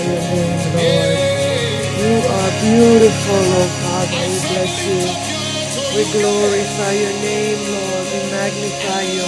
You are beautiful, Lord Father. We bless you. We glorify your name, Lord. We magnify you.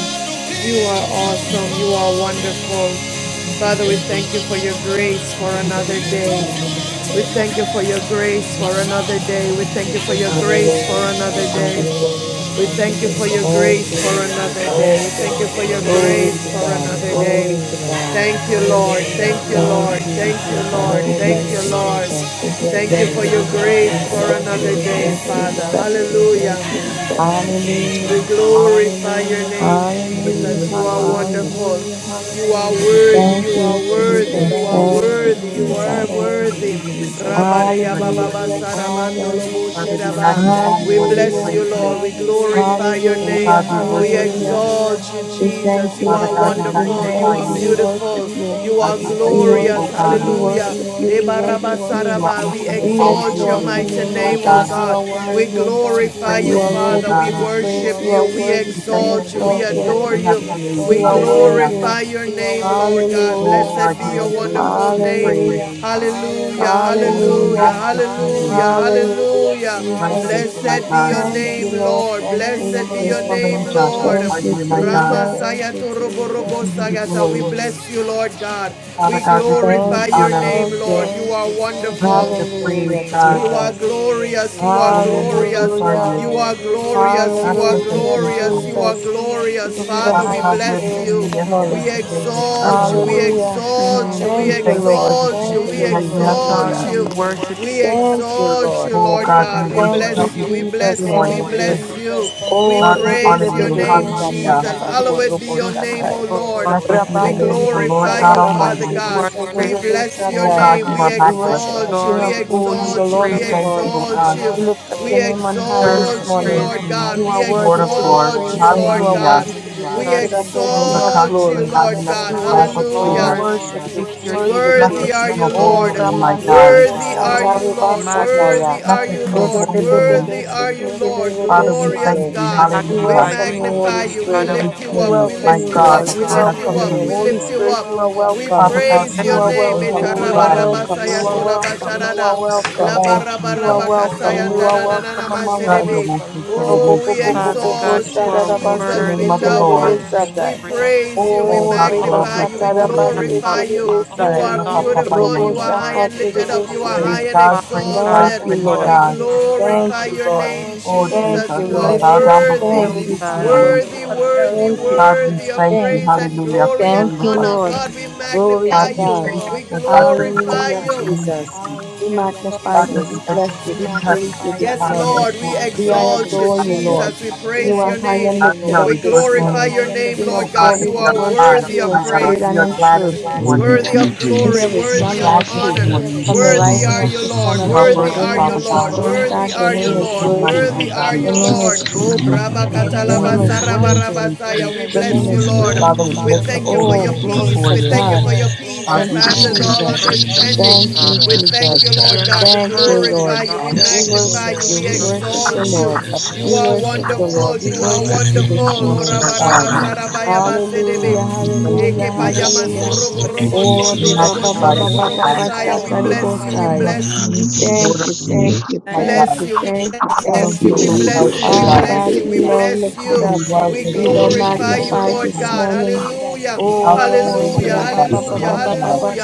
You are Hallelujah. awesome. You are wonderful. Thank you, Father, we Jesus. thank you for your grace for Father, we bless another you day. and we lift you up. We thank you for your God, we grace for another magnify you day. and We we thank you praise for your your holy grace name. for Hallelujah. another Thank you, Jesus. day. King of We thank you kings for and your Lord Oh, of grace lords, for Thank another you, Jesus. day. We thank you for your bright and Glory grace to morning for God. star, another day. Hallelujah. Thank you, he who Lord. was and Thank you, is Thank and Lord. still you, is Thank to you, Jesus. Lord. come. We Thank bless you, you. Lord. We We praise Thank you bless for you. God We your and we bless you. grace grace We for and for bless your you. another We mercy. day, bless you. Father. We bless Hallelujah. Father, we bless you and we praise We you. Hallelujah. glorify your name, Father, we Jesus. Hallelujah. You worship are you. Hallelujah. wonderful. You are Father, we thank worthy. you Thank You for the are you, spirit that you worthy. have Jesus. You are made. Thank you, worthy. You are Jesus. Oh God, worthy. we will rejoice and be Rabadaya glad in it. bababa Hallelujah, Jesus. sarabandolo Father, we magnify We you and we bless Hallelujah. you, praise you. Lord. We glorify your Oh name. God, Hallelujah. we We worship you. Hallelujah. exalt you, We thank Jesus. you. You We Father are God, we thank you. We wonderful. You magnify thank are you. you. We worship beautiful. you. You are God, we We thank you, glorious. O worship you, we God. Hallelujah. worship you, we worship you. You are Debarabasaraba. We awesome in We all of exalt your your exalt your ways, mighty name, O my name, O God. God. You are God. We worthy. We glorify praise you, You are you, O Father. worthy We to be God. praised. worship You are you. We worthy We to thank be you exalt for you. this We day exalted. that adore you have you. made. You We are Hallelujah. worthy. glorify your name, Lord God. Oh Hallelujah. Blessed God, be you are your worthy to wonderful be name. praised. Hallelujah. Hallelujah, Only in hallelujah, Hallelujah. matchless hallelujah, only. Hallelujah, hallelujah. Jesus. Righteous, my Blessed be your God. Thank you, name, Lord. Lord. Thank you, Blessed be Lord. your Faithful and name, just Lord. Thank are you, you, my God. Jesus. Ramasaya Sayato Robo We give you the We glory. bless you, Lord God. We Father God, we give you Thank the glorify you. your honor. name, Thank Lord. you. You are We give you wonderful. the praise, Hallelujah, You God. are Jesus. glorious. You are Holy and righteous glorious. You are Hallelujah. you. are Worship you, glorious. You are Matchless and Hallelujah, hallelujah, glorious. faithful. You are Jesus. hallelujah. We give glorious. you the Father, Father we God, highest you are bless the praise you. this same Yes, Lord, yesterday, We morning. I today, worship and you, exalt you. We forevermore. Hallelujah. hallelujah. your exalt name, you. We We Thank you, thank Jesus. you Lord. for this exalt new you. Thank day We you, that Lord you We have exalt made. exalt Jesus. and we you. worship you. We Thank you, exalt you, Lord. Oh Lord God, we God. We Thank worship at you, bless your you. We feet this Jesus. bless you. Lord. We Thank morning. bless you. you. Oh, God, We we rebe, praise honor be, be, your you. be, be, name, We sata, Hallelujah. Jesus. lift up Hallowed rabako, be robo, your name, high shatai. O above Lord. all. Blessed be We the name Rabanderi of the Lord glorify God Bosata you, Father Almighty. You God. are the Rabashekete great We Derebe bless your Oh God, name. you We are We matchless. worship the exalt you. King Lord. We of We Kings owe and you the exalt you. Lord We We of praise. thank you, Lords. oh Lord. exalt God. you. We lift up We your name on We high praise Serve this you, exalt you, King praise, morning. Lord of Kings, God. You We are and Lord worthy of to be Lords. exalt praised you, and you Lord are Hallelujah. worthy to be God. We God. lifted up, O Oh, King the of exalt you, constantly Glory. Lord lining up God. We the five of worship you, we Judah. Lord, so worship we you, Hallelujah. we lift your name, worship you. Worthy Blessed be are you, your holy O Lord. name, my Ramanderi God. Worthy are Bosata Lord. you, Reba Lord. Magnify, Worthy are Blessed you, be your Lord. holy name. Rebebebebebe Worthy are you, Sekete Lord. Derebe Father, we Glorious thank you. we God. We We Hallelujah. magnify welcome you, your magnify Holy name, you. We God, Spirit. for and we this lift you We day, up. We welcome my lift you, you want God, to up. Lord. that We We you high. lift have you welcome you. up. made. We Holy lift you Spirit, you up. are We welcome. Father We God, praise we bless You your will are your name. rejoice welcome. and be You holy are name. glad in it. welcome. Etarabarabasaya You are Sir. welcome. You tolabasharada. are welcome. We Oh, You are Jesus, welcome. Labarabarabakasaya You holy are name, welcome among thunder us. danananamaserebe. will consider Bo- Oh, bo- this bo- we bo- you. bo- Father exalt bo- bo- God. exalt You you, are Praise the Jesus. worthy. name We shadadabaseke of the love of All you. Lord. Without We teledebesatai. you, praise, praise without you. We Oh, Oh, me, how I all could magnify will you. not We consider glory, know and thee? you. all glorify rebakatadabasete you. honor You debesai. are You Rapa belong, care for Papa me, beautiful. Robo you You are Yende. high Lord. and shakate lifted up. You are And debesai. Praise high so, and God, Father praise God, God, Thank we exalted. you, care praise want for to We Lord. God. Thank glorify you, your Lord. name, Oh, Thank Jesus. Jesus, you, You we are Lord. bow lift you, up, down before Thank oh you worthy, you, this God, above Jesus. morning. me, worthy, all care else. for worthy, Thank you, God, me. we worthy of thank you, Thank praise you. and hallelujah, for glory and Thank being with you, us. honor. Lord. God, we Glory God, to magnify we you. God. thank Lord, you, We for God, for your grace glorify Hallelujah, and for you. your Jesus. mercy. We magnify God, exalt you. this is We the day bless that you. We you have praise you made, this Yes, Father, and morning. Lord, we we will We rejoice and exalt be you, adore glad you, in it. Lord. Jesus. We praise You are your high name. and God, we lifted are We up you, this rejoicing, glorify morning. your name, King of oh Lord God, God. and glory, we You we are are worship glad, worthy you of my in God. spirit praise, We and are in glad truth. this morning. Worthy worthy to be of And glory, praised, there is We are none worthy of magnified, glad like this you. honor. lifted up. morning, From the Yes, God. Worthy like Lord, rising are of you. the yes, sun Lord. Lord, You are until yes, the Worthy like Lord, worthy, going are you down Father of yes, the Lord. God. Lord, Lord, same God, Worthy yes. your are you, name There is oh, is Lord. none Okay, like worthy. Worthy you, Lord are God. you, Your name Lord. Jesus, is We worthy. worship hallelujah, you this Your you name morning name. hallelujah, is in Your spirit worthy. and in Messiah. truth. We Your bless name you, is Lord. Father, we worthy. We lift up thank you for holy Oh, your hands glory peace. before to We you. thank you God. for hallelujah. your peace God, bring that Thank we you, thank Yes, you Lord, passes for all your yes, Jesus. mercy, you. understanding. oh Thank God. you, We Thank thank Jesus. you, you, We Lord are not God. We Thank you, worthy, oh glorify Lord. God. you. We God. We magnify worship you. you. We We Just Lord, yes, worship the exalt We you. Lord, Lord. yes, You We Savior. are worship the Thank wonderful. Lord. We you, You are Father, in worship the you name this of thank wonderful. morning, you, Jesus. oh God. Father. Hallelujah. Hallelujah, We thank you, hallelujah, Hallelujah. Jesus. Yes, hallelujah. thank Lord. you for Thank you, love, Oh, We Jesus. God. riba ba ba magnify Every ba you, Hallelujah. ba ba God. ba We shata bless you. We King ribosai. of Hallelujah. bless you kings and Lord Thank of you, lords. Hallelujah. thank you, night, My thank God, bless you, you, we thank you, thank bless you, Elohim you. Hallelujah. we and We El bless bless you, you. Ah, we We Shaddai, God, bless you, lift be we you up. love bless He lifted who up. you. was We and Thank Be you, thou is and glorify still is you, Jesus. to magnified Lord this come, God. morning. Hallelujah, the Alpha and Oh, the Thank hallelujah, Lira ba Omega, you, ba ba hallelujah, Father. my ba ba ba God, ba hallelujah,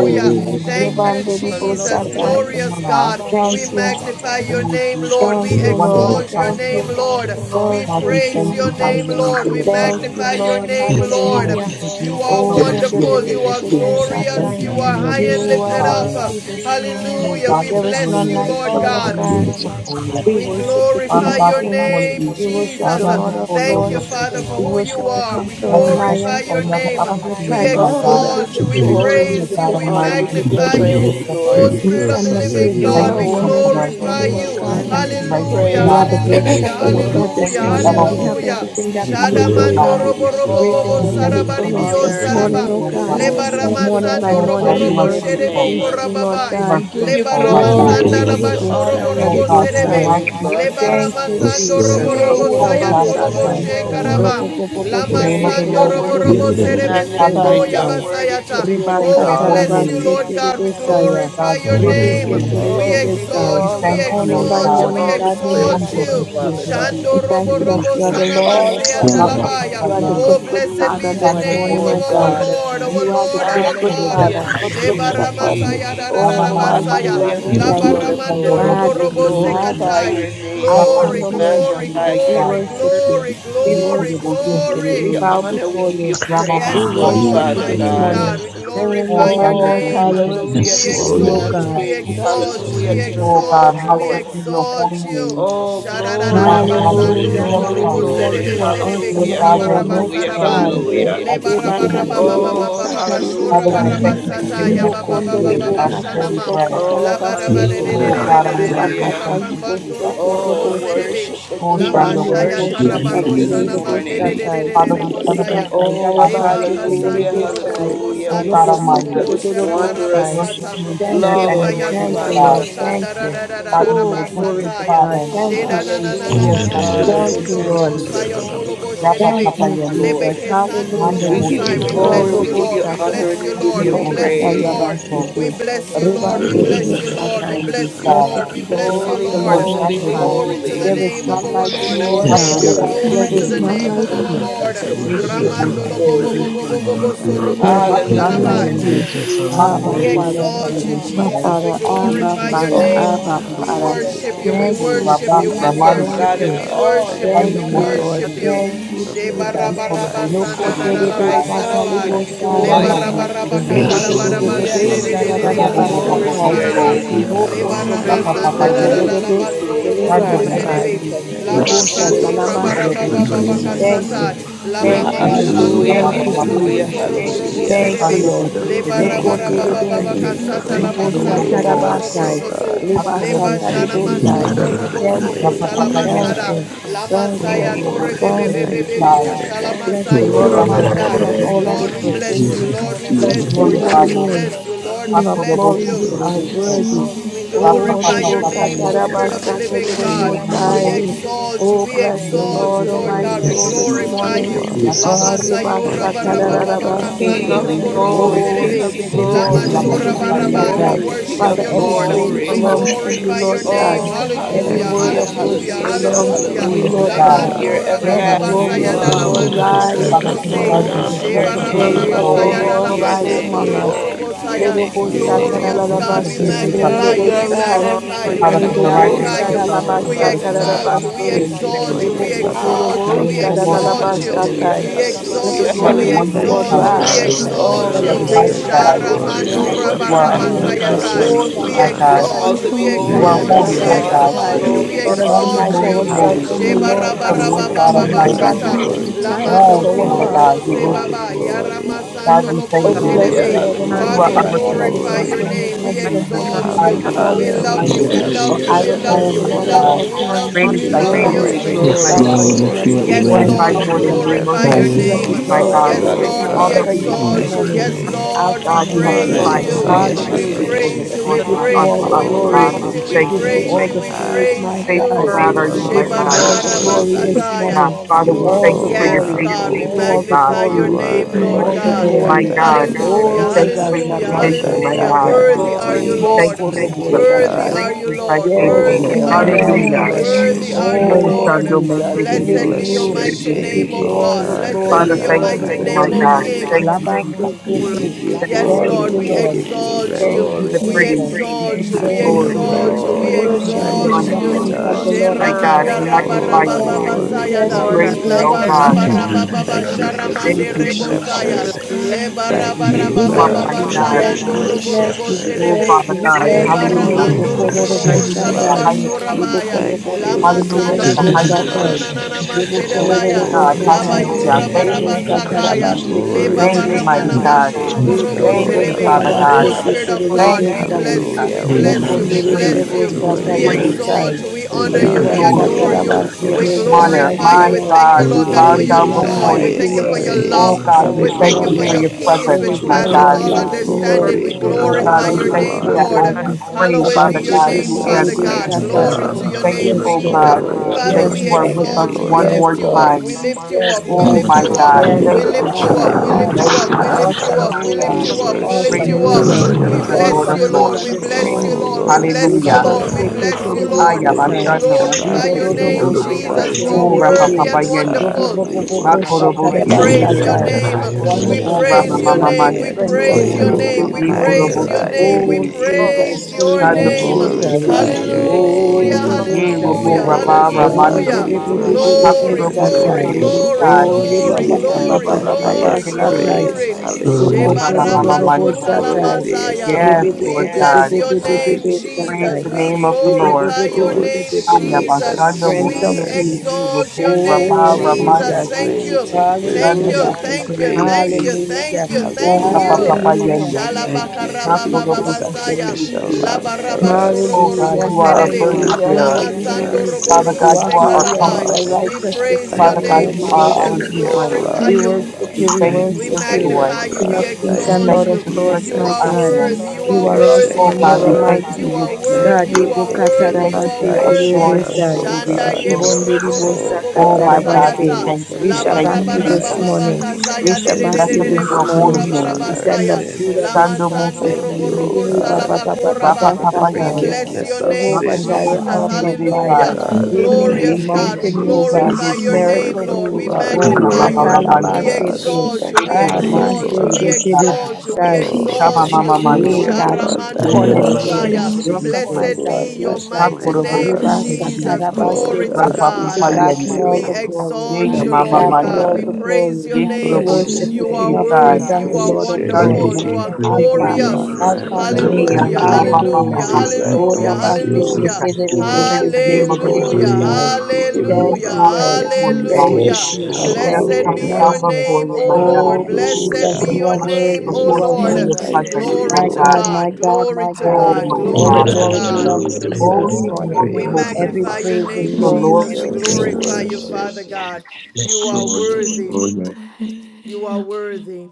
the beginning and Hallelujah. the Thank end, thank you, Lebande you di for bo love. Jesus, the first shatai. and glorious the last, God. Thank We you. magnify magnify your O name, Jesus, Lord. We We Thank the you, lift you Lord. wonderful exalt up. your Thank counselor. name, you. Lord. We Thank God, you, we praise thank your you, name, Jesus. hallelujah, Lord. for We your Thank presence. you, magnify We your give Lord. you name, Yes, We Lord. Lord. thank you Hallelujah. for You grace and are for Oh, Yes, rebe mercy. be wonderful. be You Lord. be are Yes, be be Lord. Yes, We thank glorious. you shatai. na, for You na, are being na, na, a high You na. good, and good are lifted up. Father. worthy this morning. thanks Lord Hallelujah. God, We this There is bless none morning you, we like lift you, Lord up all O of holy God. God. hands before you. We We worship the King Father glorify of God, your this Kings. morning name, we We worship bow Jesus. the down Lord of before you Thank in you, your Lords. Father, presence, for We who God. you worship the are. We God, conquering we thank you glorify lion for your another name. of the opportunity, We tribe of my Oh, we God. Judah. give exalt you you. We glory. Dear We give praise you. God you We honor. We Almighty, we give you thank magnify you you. for praise, the peace. Lord. Oh, We Spirit Jesus, of send the the living We praises You thank God, are unto you, we hallelujah. your name worthy, Comforter. this Lord. glorify morning, You O are you. Yes, We God. worthy thank to Lord. you, be I Righteous Hallelujah, You praised. are magnify the God. you great and hallelujah, lift You're shepherd, O you We up. God, worthy to thank this hallelujah, be you, morning, and we Hallelujah. have exalted. Elohim, hallelujah. everything that Thank we you, El Shada need, O Lord Shaddai. God. robo robo Jesus. Great is bobo Oh, We your we thank give you Hallelujah. you for sarabari your faithfulness bio Yes, this honor this Lord. faithfulness, morning, saraba. In O Lord the morning, God. name God. Lord of Father Lebarama Morning Jesus. God. by We sando Lord robo God, morning, Hallelujah. your praise you Na, robo are your na, na, mercies na, sherebo faithful. we name. na. see, Lord You God. are We korababai. give you faithful, my In Lebo the glory. God. name We Lebaramasanda of- give na, kotoro you bo na, honor. Rabashorobo na, We na, Lord shatari Robo give you na. bo God, from the Serebe, sai. praise, rising of the Lord. sun, Thank you, Yes, Lebaramasando You Lord. Robo Jesus. for are Yes, the Robo Lord. going down worthy, of Yes, the Lord. Sayatolobo Lord. Irabasatai. very You are same, Hallelujah. Shekaraba, worthy to be the Robobobobobo name of the praised. You Lamasando are Lord is Robo to worthy be Robo In to the be praised. name Serebe of- Sendo magnified. You Hallelujah. sheketerebesai. are worthy to Yabasayata. We be thank Oh, we your holy bless exalted. you, name. Lord God. We Oh Ribakatarabaseterebesaya. glorify God, we your In the worship name. you. name We Oh, we of- give you Ribeketerebesai. exalt We you, all we the thank you, honor. Morning We Lord by give exalt you you, God. we morning, all the God, your exalt praise, Mande you mercies Lord we you. mose see. Father God. We Shando terebesi thank robo you that robo you are terebeso. the sana Lord All our of masea our Then the shepherd. other Rapa praise talabaya. papa You are the belong Oh, good, yende. to good you blessed this Father be the this Sande morning, name morning, mose of O Lord our God. God. Lord, terebesi. our You are the Lord, good, our good God. Hallelujah Father, Akorebosi to the good, good King terebe. Sheba of Shepherd. Kings. ramasaya da da da Rama Oh, mama mighty basaya. mando. God, Hallelujah we to the Laba thank Lord you. of your Sande Lords. robo mose We robo Majesty, terebesi. glorify majesty. your sekatai. name, Alpha Lord. Glory, and We Yakorebosi Omega. glory, magnify We your name. glory, terebesai. worship work, you. glory, We glory, worship Yekorebosi you. We terebe. give We you glory. bow honor. We before give you you. Rama We praise, mama Yes, Lord mando. worship Lord, you Hallelujah, Father this mighty God. hallelujah, God, morning. we hallelujah. Early Oh, glorify in my your Shande Oh, morning, mose name. your mercies hallelujah We terebesi Yes, we to the see, Lord, King O of exalt everything. you, God. terebesai. we Kings. Jesus, exalt you, Hallelujah we to the hallelujah. Oh Lord God, exalt of you, we hallowed Lords. be your exalt holy you. name. Oh, glory, Hallelujah, Father God, your glory, Sharararabasando hallelujah. Hallelujah, robo kingdom glory, robo come. hallelujah. glory. sedebe You are sedebe Lord awesome Hallelujah, and kura you God, your are a will be mighty hallelujah, done barabasaraba. God. on earth hallelujah. Le as it is in Rebakati heaven. Oh, barabarababababababa rebosata shora Father, we hallelujah, rebosai. thank you for barabasata giving ya us hallelujah. this Ribokonde day our rebokata daily bread. rebokata Oh, bara bara de labasete. de de Oh hallelujah, de de God de de Almighty, we de hallelujah. Rebakata thank you, bakambando Jesus. robo ribosoto robo Oh, roboshe. serebe worship the Oh la King. We Shando Ribande Mose mashaya worship the tarabaro King ribosakati Kiribesi. this sana mande de morning. de de rebosatai. de de Father, de we Hallelujah. Leba bosaya celebrate you and Oh, le honor you this katalabasete evening. hallelujah, bakasanto robo lerebesai. robo Hallelujah. hallelujah. Oh We sando God Lobo lobo speak Almighty, of bobo his Worthy shara is the bara we wondrous kotorodorobosai. worship basata you in Thank spirit you, ke love, and Lord. Lamb. in paya Lord truth, Thank Worthy God. you, is Father the robo God. Lord. God. Thank sanda ra you. ra ra ra Father, ra you Oh, are Hallelujah. a good, glory basata good to ya God. Father. de Thank Oh, na you, na na na Yes, na Jesus. Oh Hallelujah, Jesus, na na Shando Father in Thank Lord. Mose masondo you, Jesus, heaven. robo Lord. We Kiribesi. saya just Saya Jesus. We thank Tolobo you this Rapa worship Thank Shedebe, Papa you. you, morning, Yende. Jesus. Lord. Lebeke We honor Mando Hallelujah. We Sandolobo Mose give Sai. you We you. We Oh, bless glory, we you, Kiribesi. adore Robo give Lord. you We you. Shata. honor, bless and we you, give Lord. Hakoro We We you Libo Mose give bless you, you praise. Lord. Kiribesi. We Katayabasete. reverence. bless you, Lord. We We Ye Ribande give bless Libo you you, terebesi Lord. We Satai. reverence, bless oh you, terebesai. Lord. Blessed God. We be the We bless name you, of bow Holy, the at Lord. Robo Lord your Most holy, shando High. throne. Glory bose to holy. the There is name terebesi. of none We our like We Lord you, thank and God, O you, Lord oh Yes, God. God Savior. God, Hakorobosi for There Glory to your Thank is you, the Lord. Almighty, none Lord terebesi. blood. name heaven of like We our you. and God. thank you earth Lord. Yes, for I Thank are your Ye worship filled you for you. the I with shed your adore korobosi best you. blood. I Ramandolobo Bobo glory. blood, magnify Bobo terebeso. Lord. We Bobo thank Thank Sorobo There you. you you is for Robo the I Rapa for lift you up. Thank the none death. you, like Hallelujah, Lord papayende. you. Sharabai. Jesus. atonement. hallelujah, We Abba, We Hallelujah. thank you, Makorobosi hallelujah, Father. Thank exalt God. you, you, Abba, Lord. hallelujah. Jesus. terebesai. We Father. for Wake me Ye going up Abba, to glorify the this your Father. korobosi name. morning, Oh, cross oh Abba, for terebesi. We us, for Father. death, hallelujah. Lord. When worship I taking you. our We Thank think Robo of you, the worship raba sins. you. We goodness Jesus. of ramando. Thank worship God Oh you. and you. We God, all that worship thank you. Thank He's We Shando you, you, Thank mose done God, Lord. worship you it for is me, you. terebe. for the Thank day. you, for paying Sheba Ye the my Jesus. korobosi price. Loko Oh te heart God, debe cries terebesai. out with katalibo thank you, Thank oh joy. Yana sai. you God, mose for for your Debe Yes, paying debe the terebesi. Lord. Another debe Hallelujah, Yes, debe day Lord. price. to Yadada, Robo hallelujah. seek bo your sharadaba bo bo Thank you Glory yadada, bo to bo face, for sakai. bo the your Lord name. bo. yadada, God. Libo sacrifice. korobo Thank you, grace, Rapa Thank seke Lord. you, yadada. oh tere papayende. Glory God. to be se tere You Shando are Oh debe mose God, sai. we magnificent. You Thank you, thank are terebesi. you, Libo Yes, grace, Lord. Lord. I Jesus. wonderful. shatalama Thank worship Thank you, you. I you, seke. baba Korobosi Lord. adore you. baba I You are Jesus, Thank terebesi. worthy kasata you. magnify you. of la Yeah, grace, for Thank mama worship. your you. Oh, Thank you, You shed Rama, are Lord masando Hallelujah, Rama, Thank robo blood. you, worthy Rama, of Jesus. bobo Rama. bo hallelujah, Thank praise. Thank Jesus. you, you, soro Lord boro hallelujah. Jesus. Thank Father you, serebe Jesus. Sando Thank Lord. You you, Mosi le are bara Oh bara Terebesi. faithful, God, baba baba Lord. thank Lord Lokoterebene, you Jesus. for kasata Faithful Praise la the making a name God. of way masando the robo for Lord. us, robo oh robosatarabasai, God. You soto are le God of Akurobosi bashana Thank truth. you Yes, Terebe. for Lord, libasataribosai. masondo making robo a Thank soko you, way, Rapa sala Papa Lord You thank Yende. basada God. you, la just God. thank you, masaya Oh God. torre Lord, Yekurobosi we bebe thank bebe you, thank bebe you Terebesi. yo for Jesus. sala making Bless the a masayo Lord, O way. Thank Sando my you, ramanda soul, Mosi and Lord. all that Lord is Thank we Terebesi. you, within bless you Jesus. me. Lord we Thank We Bless bless you your you. Lord Glorify holy we you. name. bless you Lord we King of bless glory, We Akurobosi you We you lift are bless you, yes, Terebeso. You Lord, worthy. are we worthy, Rapa Oh, you glorify we Papa Rebo your Papa name, Yende. worship O and Spirit are of the honor living worthy, God. you Yeya are you. Mama worthy, Lord. We Katarabasai. Mando. oh exalt you, Oh, we God. bless We Sando the give exalt you Lord, Mosi you, oh Lord my God. We glory, soul, Terebesi. Yes, we this Lord, give Thank glorify you, thank you morning. you, you. honor. Lord. Jesus. Oh, Lama Yakurobosi Reba sayura Thank you, Terebeso. O barababa God, Thank for King bakasando your Shatarabasai. of you, robo Lord. robo glory, Oh, King Yekurobosi. faithfulness. of Rebe serebe. We Bebe Lama glory, Bebe Yes, Rapa exalt Thank shora King your you of Papa for holy your baraba. Yende. We Shatai. glory, loving name. King worship Father, you, of We every kindness Lord. and praise Yekurobosi. your exalt glory. We you, Sando belongs Lord tender to you, glorify Lord your God. mercies. name. God. Oh, Thank Mosi you. Every Hallelujah, Thank word you, hallelujah, Thank of Terebesi. worship hallelujah, Jesus, hallelujah, that belongs you to hallelujah. Oh you, hallelujah. my alone Lord Thank are Lama God, you for God. your you. God. have Let your the Thank way this dora everlasting glory you. You saya of the dala morning. love. Lord alone Thank mando you, robo rise deserve Father, Lord. this the robo take se. charge morning. Glory and glory. take to Let full Sheba your the raba complete You glory name, raba of control. you the saya glory to alone Lord dala up, your Thank rise oh you, deserve masondo among name, the robo Lord. us. glory robo honor. to Thank your you, name. You Lord. Glorious Thank alone you God, for we being deserve with the us. Oh, magnify you, God, we we praise. Loroboshataralabashetelelobosai. God, thank you magnify for you, your we Thank Father, you from the for agape your rising of glorify the you. love, sun Lord, We until faithfulness. the Father going God. exalt down of you, the we Ledobosharalabasatarabase. Thank very you exalt for same, you, your we loving oh Oh, exalt the you, we name of the kindness Lord hallelujah, is and to your exalt be you. tender praised. hallelujah, Libokotorobosharabasatai. We Let mercies. the hallelujah, exalt You you, are we the glory You of the wonderful hallelujah. are Lord Thank exalt the you, you, we counselor. O rise. You God, that Oh, exalt Let you we you are you. the the are mighty the deserve praises the of magnify God. you the your are King Sharamando name, glory. rise Lord. You We this are rabara our holy, morning. You magnify infinite of your deserve Oh, name. Rabasayatai. We the We my give oh you God. honor. all so exalt you, the we You glory. are We You holy. exalt give you, holy, you we my deserve all the the God. exalt Rabashatareloboshataralabasatai. honor. you, We Lord, we You give you Let Lord, praise. us all Holy, the are exalt delight the holy, you. praise. O ourselves holy in the Sheba God, Lord. Hallelujah. is raba the uh, raba Lord Glory God to For baba you will God. Almighty. grant basata. us your the Glory to desires faith, God. Lord. Lamando of Oh, our robo you Father heart. Glory, God, robo we se worship glory, baba. you. are glory. faithful. Yarama Thank God, sando Lord. we lobo thank Oh, you, God. you. bless Hallelujah, the shedebe. Glory, Lord, oh my You God, are we soul, hallelujah, and glory, our thank all you, that God. is glorify There is your Lord. within glory. none me. name. We before Bless thank I your you, none you, holy God, exalt Lord. name you. beside this you, We Hallelujah. morning. none love We Yes, behind you. hallelujah, you. We love For worship you. I and will hallelujah, We bless love Oh you. the my adore We Lord hallelujah. at love you. God. all you. We all love times Great honor, you. is this Oh, We We thy love morning, and bow his Glory, at you. faithfulness, your hallelujah. praises my glory, shall Lord, God. we throne. lift you continually glory. up. be We Yes, in my Morning We magnify by Lord, give we all mouth. morning, you new glorify mercies your Thank Yes, you you, we that reverence. name. the see, Lord. Lord. my joy of Oh, the God. Yes, Lord is Oh Lord, my All we that God, hallelujah, we strength We we have this exalt you. needed, glorify thank you morning. Yes, you, are you. Lord. Alpha Lord, Thank you, we God, and you have praise Omega. Jesus. above We provided. you. all Great hallelujah, is exalt Hallelujah. your your We Hallelujah. faithfulness, name. praise hallelujah. you, We we Lord the give God, you unto praise Lord all you, the us, we above Oh, we God. glory. all praise We you, lift We we your thank give you, you name praise all on you, Jesus. the we praise, you high. praise my Faithful God. you. are God You are We you, my give you alone God. are all the the glory worthy. Faith this not. morning. Shebarabarabasataya. Father, You we All thank the you for alone your Yes, glory. are We God, give we faithfulness, you oh all holy. the God. magnify glory. your You We are give name, the you Lord all Lord Thank the thy God. you, Oh God my glory. that faithful God. God. Hallelujah, We Oh, delivers, thank you Reba for your the hallelujah, Shatari Lord provision, thy my hallelujah. God God. that Bosatai. Worthy are Lord, you, We Ribo redeems. thank Lord. you, Thank Korobo the Jesus. you, Worthy God. Shatai. are Great you, is thy Lord. Yes, faithfulness. Oh, Worthy Lord. You are are Lord you, God, we Yes, Lord. Hallelujah. worthy, Lord. bless you your Worthy are are God, you, Oh, name. worthy, Oh, Lord. Lord Shando Mose Jesus, we God. We give Terebesi Blessed be bless your you, the your mighty we Terebesi. give name, name, you O oh all God. the God. Blessed King be We Father, glory, your thank all honor the you, and mighty oh of my name, O glory. adore God. Thank you. Thank you, King. you, Lord. Jesus. We full of Thank Labasekete. give you you, Thank Yes, you, yes, Lord Thank Jesus. Glory Lord, glory. you, to God. we We your Lord. give you exalt name. We Thank you. give you you, reverence. Glory the to We You your are praise. Jesus. We name. exalt give you you. worthy, the Have We you Thank your glory. are you. way, exalt you. We We worthy, Lord. We Oh, give Let worship Lord. you your Give the the exalt you King will honor. of you. be all magnificent Kings the and the one, done. we Lord give glory, My of you earth. God, Sheramanda we all glory, Lords. we give raba and you We magnify Oh, raba honor, you. bless all baba you. our we We give glory, you bless praise We sayada. you. Lord, I We praise glory, you, praise. goes bless oh Laba bless you. unto God. raba glory. you, raba Lord baba Thank you God. for Thank sharamande being A you, our rebo Jesus. we saya. will matchless shepherd. bless God. Leba your name, We Thank lift you, We you No Hallelujah. baba up, bless one my God, you, we for come God. bless being you, before sayando we our robo you. bless robo you, we shepherd. Oh, bless sedebe. Father you, we God. No bless Leba Thank Lord. Hallelujah. you. one, you for Lord. the robo I Yebokorobo robo shed Hallelujah is the Sandai. blood. salaba highest Thank you, praise. shorabaya. Lord. Yebokorobo Thank you Lama for Hallelujah the so is sanda the Thank na Seketelebe shed na you. highest na na na praise. blood. Sakai. na masede Oh, Oh baya Yebokorobo God, glory You to are laba Sandai. your hallelujah. yura Thank worthy, Yebo baraba you, name. you Jesus. are Sataraba sakaya worthy, you are Glory leba Thank to you, Seketelebe the worthy, baramana mighty King Sai. of God. you mashuro Kings and the are borobo Thank worthy. Yekorobo Lord you, of grateful to sedebe Father Saraba God. oh Lords. spirit of Hallelujah. the god Thank Thank Seketelebe we you, Sai. Jesus. bless you we Hallelujah. you, We Lord. bless We Loko Thank you give we you worship God. bless praise. and Nerebo you We give adore you we Sataribo you. praise. Thank exalt Sai. you we We you, We honor give you you honor Reba we glory. adore you. you God. We Sataraba We said, we give bless There's you your none honor. like For glorify you, and you My name. we Lord. thank God, you we lord We your god bow There for give is your down you the none joy before like we you, you. thank you highest for Lord. your love Oh praise. God, There we we was thank thank you you for for none. Hallelujah. your your peace There presence, you was which are We my no passes give God. one all you like you, Lord. worthy. understanding we glory. Ebo We Oh give God, glorify Sata, we your you Ebo thank name, you that Lord. Kondo, honor. as I we pray, Hallowed be Father sacrifice your for God, Abasheke, name, you Jesus, Father Telebe answer. mankind, God. Almighty but know, Sata. Glory also to oh God. We be your thank name, you, Yes, oh saved. Lord. Jesus. God, for Oh, Father, that King Yes, we of you are Lord. Kings with and us exalt you. Thank We Lord one of Yes, more lift you Lord. up. time. We you, Lords. lift thank you Yes, up. you We Lord. Oh for lift my you Conquering up. God. worship, Lion Yes, We Thank of Lord. the you, lift Ah, you Abba, up. tribe Jesus. We thank of you lift Father. you Thank up. you, We Judah. lift for Jesus. you Awesome Lord, up. We ruler. lift We purify you up. We for lift worship Praise your Awesome thank you and you, you up. King for of ruler. adore Kings me, We and Lord you. bless Awesome of you, Lord. ruler Lords. We thank this you bless morning. you, Oh, for Lord. We the Rose of bless you, Hallelujah. Baba Lord. We Seke Sharon. bless for you, Terebe being Lord. a Haya Lily We Satai. of redeemer, bashanda the mose glorify Dido your Valley. Dodo terebe. name, for Boshe Jesus. You Bright are Oh and being rapa worthy Terebe a papa morning and yende. Robo thank star. you We Bobo wonderful. for Bobo being worship a Makorobo si We Sataraba you, creator, praise your Lord. terebe. Satai. day name. We We Wonderful Oh honor rama praise for you. your mama the counselor, you, we name. We mando. creation Prince that you of adore They praise your handle Peace you, that made. this name. we We Ye contraption morning. praise better korobo than your si magnify I your name. Thank We Oh terebe. do. name, of praise Jesus, your we Chando Jesus, you, Yes, name. mose I'm Jesus. praising glorify terebe si. your day you. Hallelujah. Oh name. of Hallelujah, Robo Ye robo Hallelujah. hallelujah, Satai. Oh raba hallelujah. God, ramando. Hallelujah. we Jesus. worship Ribebebebebebebe Glory, and Hakurobo si adore glory, Satai. terebe you. Yes, glory, sai. Oh Lord, yes, We Riba glory, Lord, give Baba Ye you yes, glory, the Lord. Baba terebe si Baba glory, highest terebe. Satai. praise. glory. Lord, we Oh worship rama Hallelujah. you with mama Ibokotorodobo that. mando. Shebarabasotala shatai. Worthy is Masaya. the Yes, Lamb, We Lord God. bless your name, worthy Ribibibibibibibibibibib is Praise the shatai. Jesus. the name Lamb. We of the your Lord. glorify your Oh name, name, Aya Jesus. God. Ribibibibibibibibib. Jesus. bastando Jesus, Strength of We mosete Jesus. peace. vivo exalt your pumba Your name, Oh, para name Jesus. is Jesus. mando Thank you. great and Thank greatly dando you. to Hallelujah. be mosete Thank you. Thank revisi praised. you. Hallelujah. Thank you. Thank oga papa you. Hallelujah. Papa Hallelujah. yende Thank you for not for being the the mosete Shalabakarabababasaya. sacrificial lamb for us. oh God Hallelujah. you Labarabashoroborobo are a sedebe. Thank you burden Hallelujah. for bearer Holy, taking our holy. Father Lamasandoroborobo You God sins are you on are the our holy and sekalabai. you are comforter cross. We righteous this praise your Father Thank morning God name, you and we you for are our Jesus. worship We shedding you. your strength glorify We blood. worship you. we you. We thank you Thank We you worship for for you. your joy magnify you, King we of blood. kings we Thank and exalt thank Lord you, you of you. for lords, Thank You my strengthening are our Jesus, God. you. hands worthy, you for are You your are worthy, awesome oh you shed and you are God are we blood. thank you worthy, you for mighty. your are peace Thank God, worthy, you you Yebo are for we worthy, paying you thank the you are for Katarabaste your price worthy. for assurance and us, for Terebesai. oh your Shanda God. ye reassurance Ribonde boro boro bo Ribosa Oh bo oh God, my God thank we Katarabaste. you sayata. thank for you We we La shall paying thank back bara the you you bara Yes, ba this Jesus Lord ba ba God, price. morning. you are We shall de worthy de Thank back de of de you de Blessed you de be this for bo your worship. holy shora You are morning. taking bara on name. We ba our worthy of send up saya. Judah all sins. this Lama Sando morning. Mose praise. Thank robo you, oh robo Terebesi. Yea, ba, God. ba, salaba ba, Rapa koraba. for the Papa We Satai. Lord. Yende. bless forgiveness your of name, Thank Jehovah Makuro you, sins. Jireh, Mose Jesus. our God. Oh Hallelujah. Terebesi. provider, We God, Thank We make you. a Glorious Ye thank you, God, we mountain Terebesi mover, Thank glorify Jesus, your Terebeso. for name, miracle you. the Lord. We Make mover. it blood. Oh Eh, Mama magnify glorify you. Mama true. You Oh We Mando. give us God, we katalabasete, exalt you. strength. Ye thank you We for your Terebesi exalt Thank you. you. We blood. Terebesi. exalt you. We abasete, Oh, Peace exalt Shama that you. you thank Mama you for give, Mando. Hey your Lord God, God. blood chief Sharamando that Ye Thank you. cornerstone, Terebesi Robosaya. washes, you. rock of the Terebeso. my Blessed blood be your that salvation, mighty Hakuro Mose name, Oreba cleanses. Thank you, Terebe. Jesus. Lord Oh Glory to Satarabastete. God, Rapa God. we To Papa God. God thank be Yende. all We the you. glory. Ye exalt ya you, Thank To Thank Mama Lord God you, be God. Mando. all We God. the you. praise glory. your Ye We Kuro name. Thank Mose Bless your worship the you. You are King of name. Praise worthy. You We Kings Terebesi. you. are and the Lord praise of your Sando Greatly wonderful. Lords. to You name. be are Mose praised, my Alpha, We God. Terebesi. Thank glorious. I honor and Alpha you, and lifted Lord. up. Ye adore ya Thank Omega. Hallelujah. you, Papa you. Lord God. Papa Hallelujah. Hallelujah. We Papa. Jesus. Thank Oh you, Hallelujah. Lord Thank reverence Rabba you, you. Jesus. Hallelujah. Jesus. Sekete Thank you, Rebbe We Lord praise give the name you Sekete Jesus. of the Hallelujah. Lord. glory. Hallelujah, We We give lay hallelujah. you our Thank Hallelujah. the you, crowns Lord. highest before you, God. Yes, Thank Lord. you, Hallelujah. praise. Yes, We Jesus. Lord, lay our Thank you. Blessed crowns be hallelujah. Hallelujah. Thank your down name. you. before you, my O Oh, Lord. God. Yes, Blessed We Jesus, be Hallelujah. lay Lord. you your are prostrate name. worthy. There O You before is are you Lord. in none your worthy. Yes, like presence, Lord you, Glory my My God. to God. God, Lord. God. my God, Glory my to Oh, God. God. my Yes, All the Glory God. to Glory, Hallelujah. glory glory, so You God. belongs to you glory, this deserve Holy, the morning. holy, We Lord. praise. holy Every magnify your praise is is name, You're the You my yours. Jesus. Lord We deserve matchless the glorify the you, God. worship. Father God. You are Thank yes, you, worthy. so yes. thank You are you. worthy.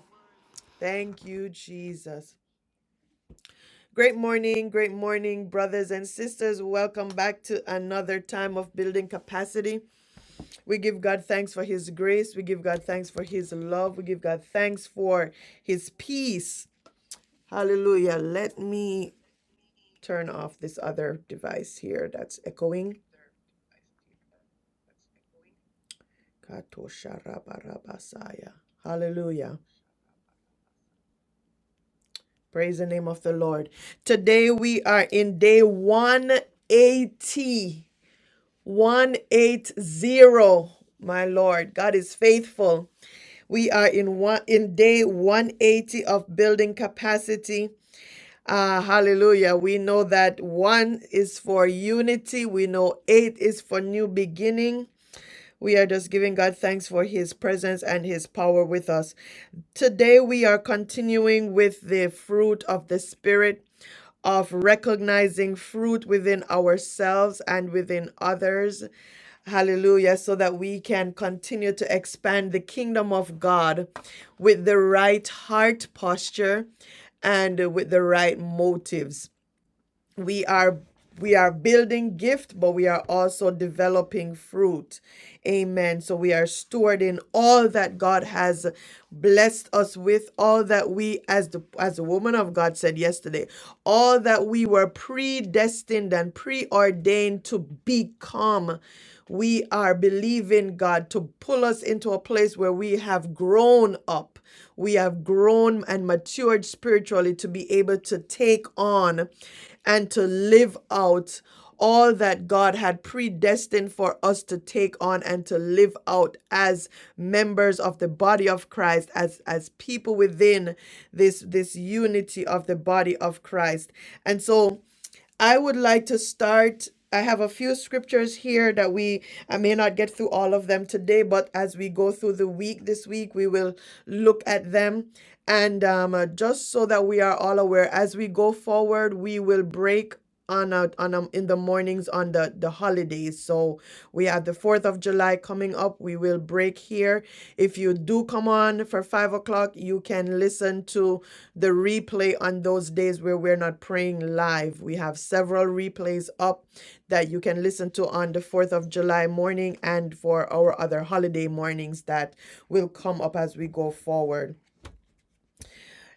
Thank you, Jesus. Great morning, great morning, brothers and sisters. Welcome back to another time of building capacity. We give God thanks for His grace. We give God thanks for His love. We give God thanks for His peace. Hallelujah. Let me turn off this other device here that's echoing. Hallelujah. Praise the name of the Lord. Today we are in day 180 180 my lord god is faithful we are in one in day 180 of building capacity Ah, hallelujah we know that one is for unity we know eight is for new beginning we are just giving god thanks for his presence and his power with us today we are continuing with the fruit of the spirit of recognizing fruit within ourselves and within others. Hallelujah. So that we can continue to expand the kingdom of God with the right heart posture and with the right motives we are we are building gift but we are also developing fruit amen so we are stewarding all that god has blessed us with all that we as the as the woman of god said yesterday all that we were predestined and preordained to become we are believing God to pull us into a place where we have grown up. We have grown and matured spiritually to be able to take on and to live out all that God had predestined for us to take on and to live out as members of the body of Christ, as, as people within this, this unity of the body of Christ. And so I would like to start. I have a few scriptures here that we, I may not get through all of them today, but as we go through the week this week, we will look at them. And um, uh, just so that we are all aware, as we go forward, we will break on a, on a, in the mornings on the the holidays so we have the 4th of july coming up we will break here if you do come on for five o'clock you can listen to the replay on those days where we're not praying live we have several replays up that you can listen to on the 4th of july morning and for our other holiday mornings that will come up as we go forward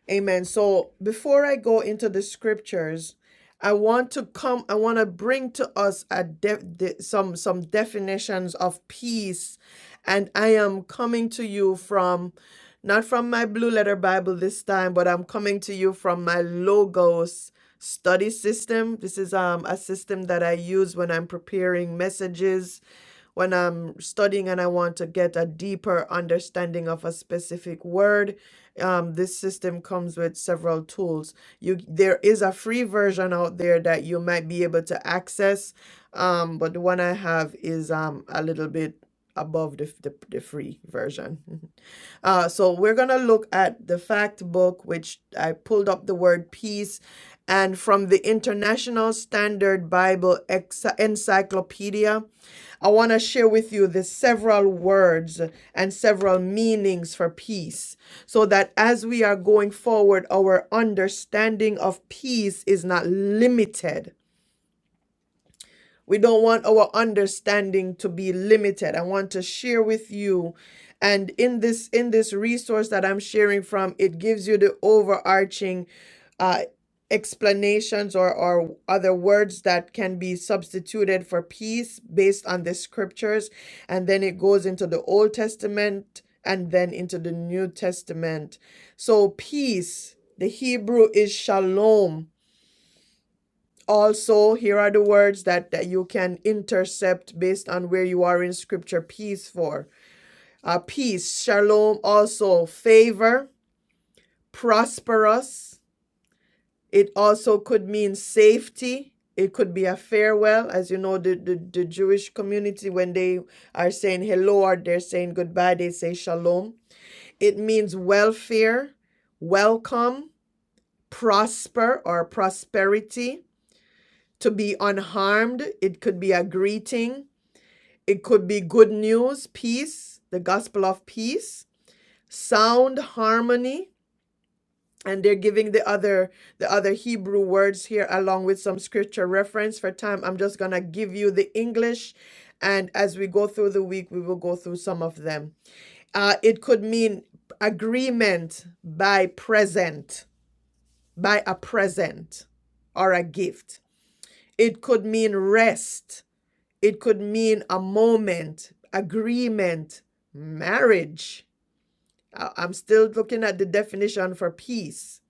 Amen. So before I go into the scriptures, I want to come. I want to bring to us a de- de- some some definitions of peace, and I am coming to you from, not from my blue letter Bible this time, but I'm coming to you from my Logos study system. This is um a system that I use when I'm preparing messages when I'm studying and I want to get a deeper understanding of a specific word, um, this system comes with several tools. You there is a free version out there that you might be able to access, um, but the one I have is um, a little bit above the, the, the free version. Uh, so we're gonna look at the fact book, which I pulled up the word peace, and from the International Standard Bible Ex- Encyclopedia. I want to share with you the several words and several meanings for peace so that as we are going forward, our understanding of peace is not limited we don't want our understanding to be limited. I want to share with you and in this in this resource that I'm sharing from, it gives you the overarching uh explanations or or other words that can be substituted for peace based on the scriptures and then it goes into the Old Testament and then into the New Testament. So peace, the Hebrew is shalom also, here are the words that, that you can intercept based on where you are in scripture peace for. Uh, peace, shalom, also favor, prosperous. It also could mean safety. It could be a farewell. As you know, the, the, the Jewish community, when they are saying hello or they're saying goodbye, they say shalom. It means welfare, welcome, prosper or prosperity, to be unharmed. It could be a greeting, It could be good news, peace, the gospel of peace, sound harmony, and they're giving the other the other Hebrew words here along with some scripture reference for time. I'm just going to give you the English and as we go through the week we will go through some of them. Uh it could mean agreement by present, by a present or a gift. It could mean rest It could mean a moment, agreement, marriage. I- am still looking at the definition for peace.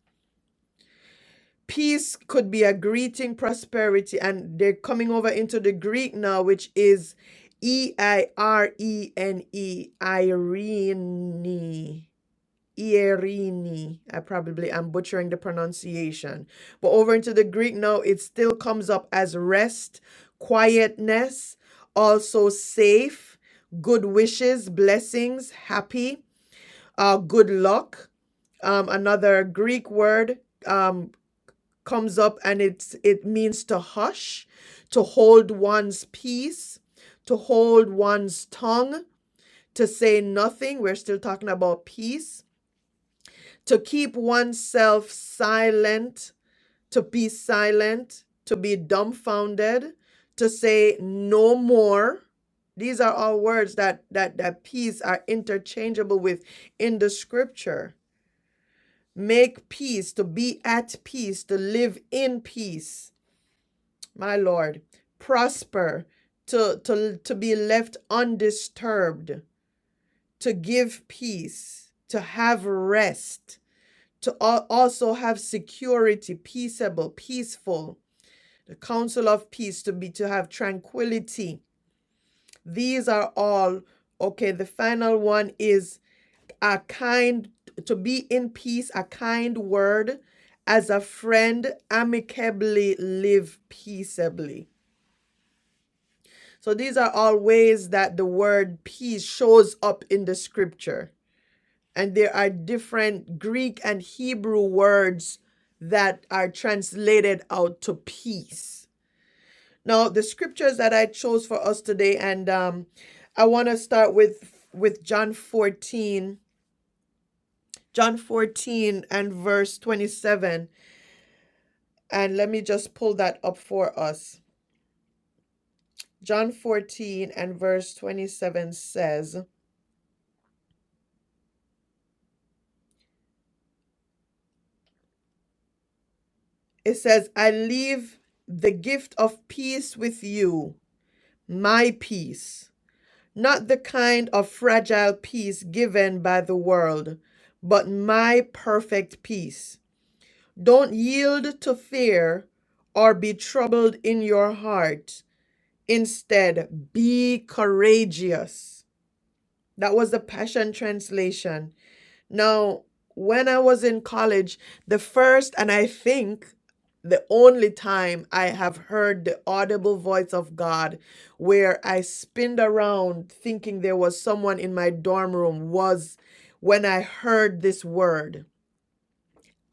Peace could be a greeting, prosperity, and they're coming over into the Greek now, which is E I R E N E, Irene. Ierini. I probably am butchering the pronunciation. But over into the Greek now, it still comes up as rest, quietness, also safe, good wishes, blessings, happy, uh, good luck. Um, another Greek word um, comes up and it's it means to hush, to hold one's peace, to hold one's tongue, to say nothing. We're still talking about peace to keep oneself silent, to be silent, to be dumbfounded, to say no more. These are all words that that that peace are interchangeable with in the scripture. Make peace, to be at peace, to live in peace. My Lord, prosper, to to to be left undisturbed, to give peace, to have rest to al- also have security, peaceable, peaceful, the council of peace to be to have tranquility. These are all okay. The final one is a kind to be in peace, a kind word as a friend, amicably live peaceably. So these are all ways that the word peace shows up in the scripture. and there are different Greek and Hebrew words that are translated out to peace. Now, the scriptures that I chose for us today, and um, I want to start with with John 14, John 14 and verse 27. And let me just pull that up for us. John 14 and verse 27 says, It says, I leave the gift of peace with you, my peace. not the kind of fragile peace given by the world, but my perfect peace. Don't yield to fear or be troubled in your heart. Instead, be courageous. That was the Passion Translation. Now, when I was in college, the first and I think the only time I have heard the audible voice of God where I spinned around thinking there was someone in my dorm room was when I heard this word.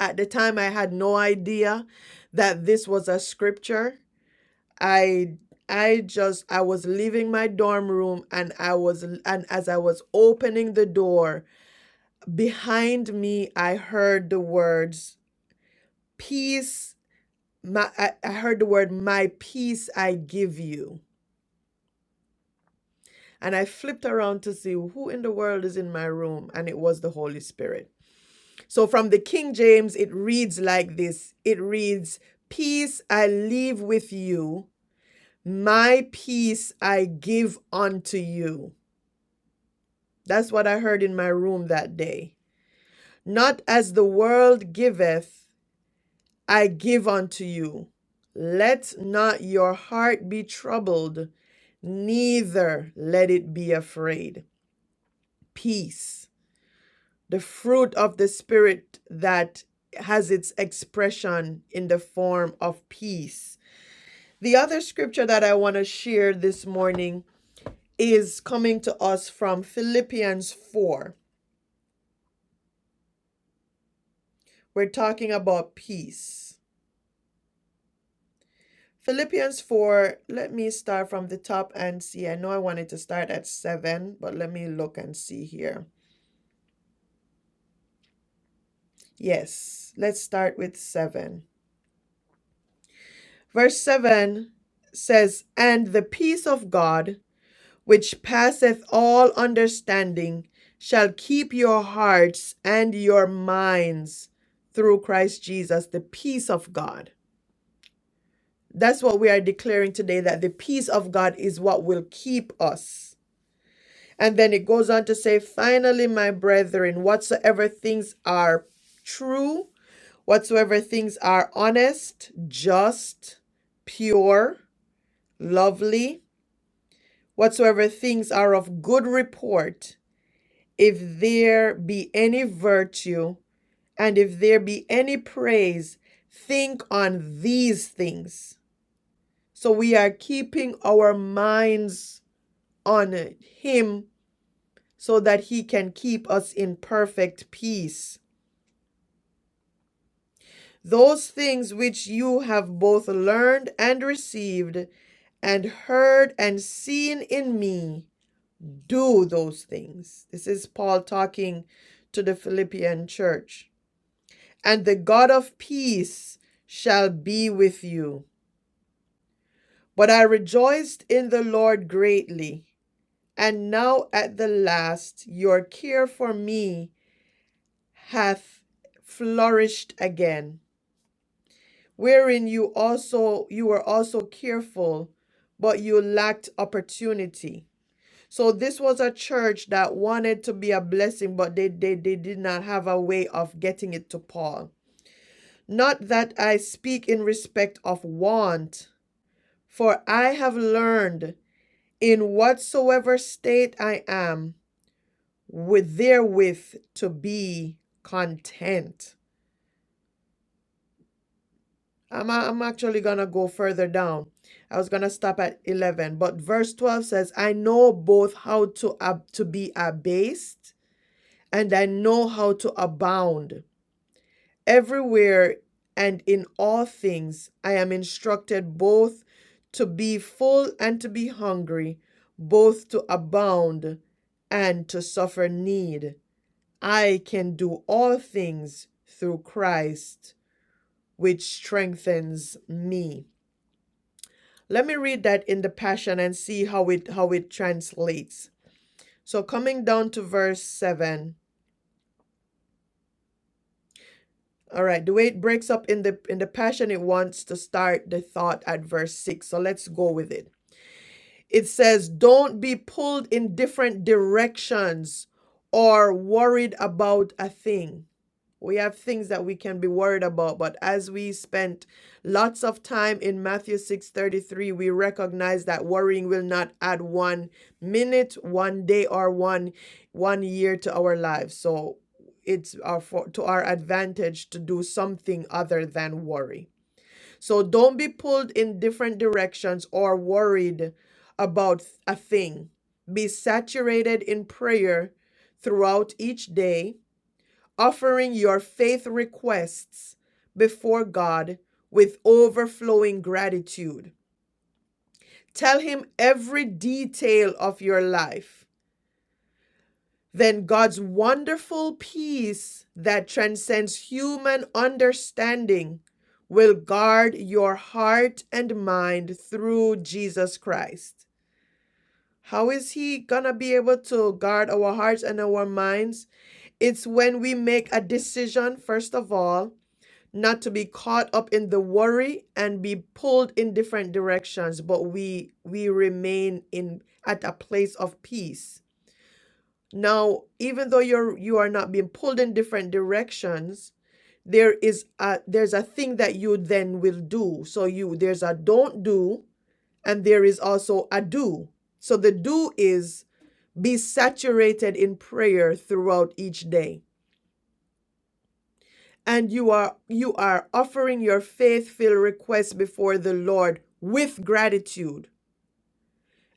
At the time I had no idea that this was a scripture. I I just I was leaving my dorm room and I was and as I was opening the door Behind me, I heard the words, Peace. My, I, I heard the word, My peace I give you. And I flipped around to see who in the world is in my room, and it was the Holy Spirit. So from the King James, it reads like this it reads, Peace I leave with you, my peace I give unto you. That's what I heard in my room that day. Not as the world giveth, I give unto you. Let not your heart be troubled, neither let it be afraid. Peace, the fruit of the Spirit that has its expression in the form of peace. The other scripture that I want to share this morning is coming to us from Philippians 4. We're talking about peace. Philippians 4, let me start from the top and see. I know I wanted to start at 7, but let me look and see here. Yes, let's start with 7. Verse 7 says, And the peace of God, which passeth all understanding, shall keep your hearts and your minds through Christ Jesus, the peace of God. That's what we are declaring today that the peace of God is what will keep us. And then it goes on to say, finally, my brethren, whatsoever things are true, whatsoever things are honest, just, pure, lovely, whatsoever things are of good report, if there be any virtue, and if there be any praise, think on these things. So we are keeping our minds on Him so that he can keep us in perfect peace. Those things which you have both learned and received, and heard and seen in me, do those things. This is Paul talking to the Philippian church. And the God of peace shall be with you. But I rejoiced in the Lord greatly, and now at the last your care for me hath flourished again, wherein you also you were also careful but you lacked opportunity so this was a church that wanted to be a blessing but they they, they did not have a way of getting it to paul not that i speak in respect of want for i have learned in whatsoever state i am with therewith to be content I'm, I'm actually going to go further down. I was going to stop at 11, but verse 12 says, I know both how to, ab- to be abased and I know how to abound. Everywhere and in all things, I am instructed both to be full and to be hungry, both to abound and to suffer need. I can do all things through Christ, which strengthens me. Let me read that in the Passion and see how it how it translates. So coming down to verse 7. All right, the way it breaks up in the in the Passion it wants to start the thought at verse 6. So let's go with it. It says, "Don't be pulled in different directions or worried about a thing." We have things that we can be worried about, but as we spent lots of time in Matthew 6:33, we recognize that worrying will not add one minute, one day or one one year to our lives. So it's our for, to our advantage to do something other than worry. So don't be pulled in different directions or worried about a thing. Be saturated in prayer throughout each day offering your faith requests before God with overflowing gratitude. Tell Him every detail of your life. Then God's wonderful peace that transcends human understanding will guard your heart and mind through Jesus Christ. How is He gonna be able to guard our hearts and our minds? It's when we make a decision, first of all, not to be caught up in the worry and be pulled in different directions but we we remain in at a place of peace now even though you're you are not being pulled in different directions there is a there's a thing that you then will do so you there's a don't do and there is also a do so the do is be saturated in prayer throughout each day and you are you are offering your faith-filled request before the Lord with gratitude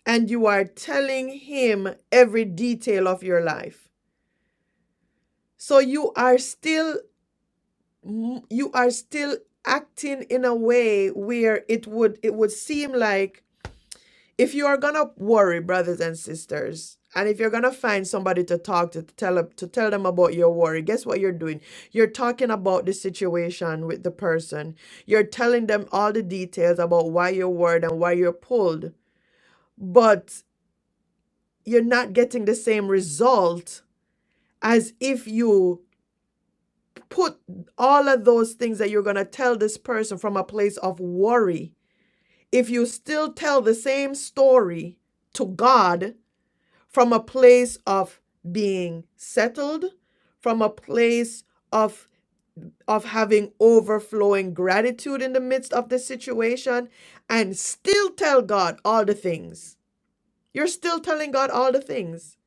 and you are telling him every detail of your life so you are still you are still acting in a way where it would it would seem like if you are gonna worry, brothers and sisters, and if you're gonna find somebody to talk to, to tell to tell them about your worry, guess what you're doing? You're talking about the situation with the person. You're telling them all the details about why you're worried and why you're pulled, but you're not getting the same result as if you put all of those things that you're gonna tell this person from a place of worry. If you still tell the same story to God from a place of being settled, from a place of of having overflowing gratitude in the midst of the situation and still tell God all the things. You're still telling God all the things.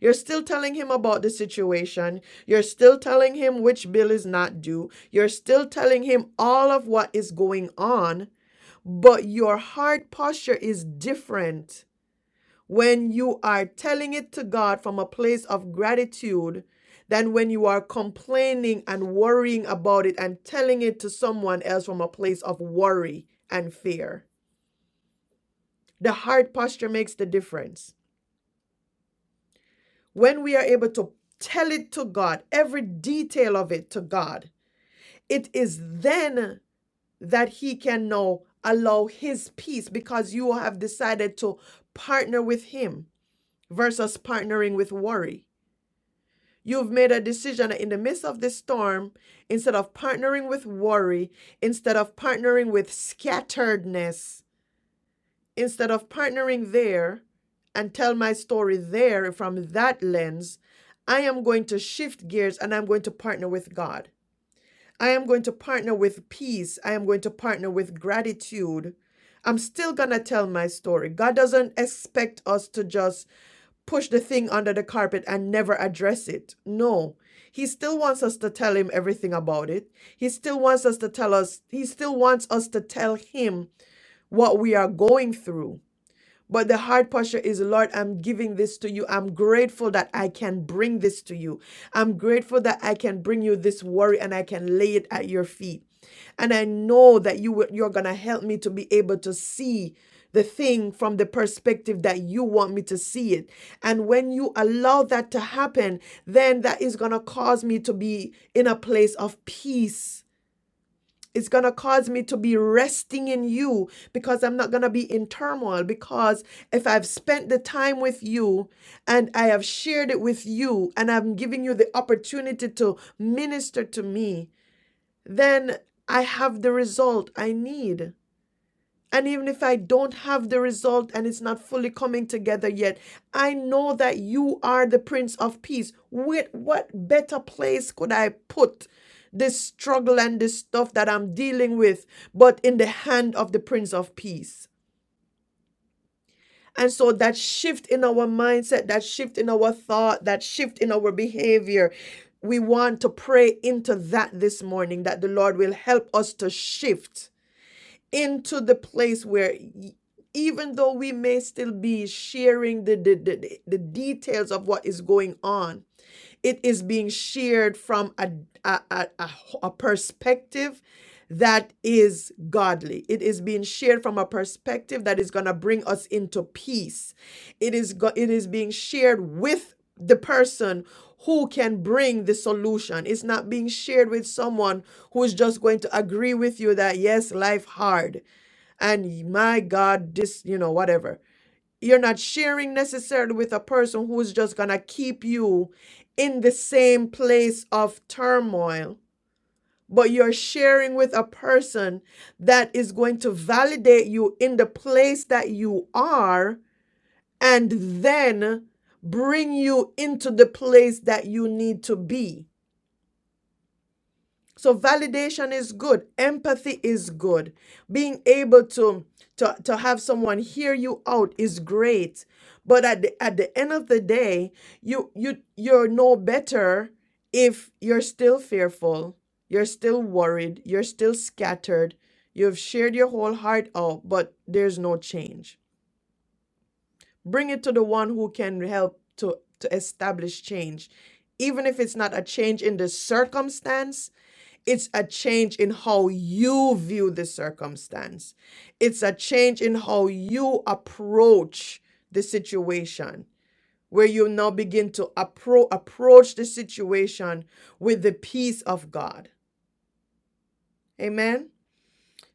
You're still telling him about the situation. You're still telling him which bill is not due. You're still telling him all of what is going on, but your heart posture is different when you are telling it to God from a place of gratitude than when you are complaining and worrying about it and telling it to someone else from a place of worry and fear. The heart posture makes the difference. When we are able to tell it to God, every detail of it to God, it is then that He can now allow His peace because you have decided to partner with Him versus partnering with worry. You've made a decision in the midst of this storm, instead of partnering with worry, instead of partnering with scatteredness, instead of partnering there and tell my story there from that lens, I am going to shift gears and I'm going to partner with God. I am going to partner with peace. I am going to partner with gratitude. I'm still going to tell my story. God doesn't expect us to just push the thing under the carpet and never address it. No. He still wants us to tell him everything about it. He still wants us to tell us, he still wants us to tell him what we are going through but the heart posture is, Lord, I'm giving this to you. I'm grateful that I can bring this to you. I'm grateful that I can bring you this worry and I can lay it at your feet. And I know that you will, you're going to help me to be able to see the thing from the perspective that you want me to see it. And when you allow that to happen, then that is going to cause me to be in a place of peace it's going to cause me to be resting in you because I'm not going to be in turmoil. Because if I've spent the time with you and I have shared it with you and I'm giving you the opportunity to minister to me, then I have the result I need. And even if I don't have the result and it's not fully coming together yet, I know that you are the Prince of Peace. With what better place could I put this struggle and this stuff that I'm dealing with but in the hand of the Prince of Peace? And so that shift in our mindset, that shift in our thought, that shift in our behavior, we want to pray into that this morning that the Lord will help us to shift into the place where y- even though we may still be sharing the, the, the, the details of what is going on, it is being shared from a, a, a, a a perspective that is godly. It is being shared from a perspective that is going to bring us into peace. It is, go, it is being shared with the person who can bring the solution. It's not being shared with someone who is just going to agree with you that yes, life hard and my God, this, you know, whatever. You're not sharing necessarily with a person who is just gonna keep you in the same place of turmoil, but you're sharing with a person that is going to validate you in the place that you are and then bring you into the place that you need to be. So validation is good, empathy is good. Being able to to, to have someone hear you out is great. But at the, at the end of the day, you you you're no better if you're still fearful, you're still worried, you're still scattered. You've shared your whole heart out, but there's no change Bring it to the one who can help to, to establish change. Even if it's not a change in the circumstance, it's a change in how you view the circumstance. It's a change in how you approach the situation, where you now begin to appro- approach the situation with the peace of God. Amen.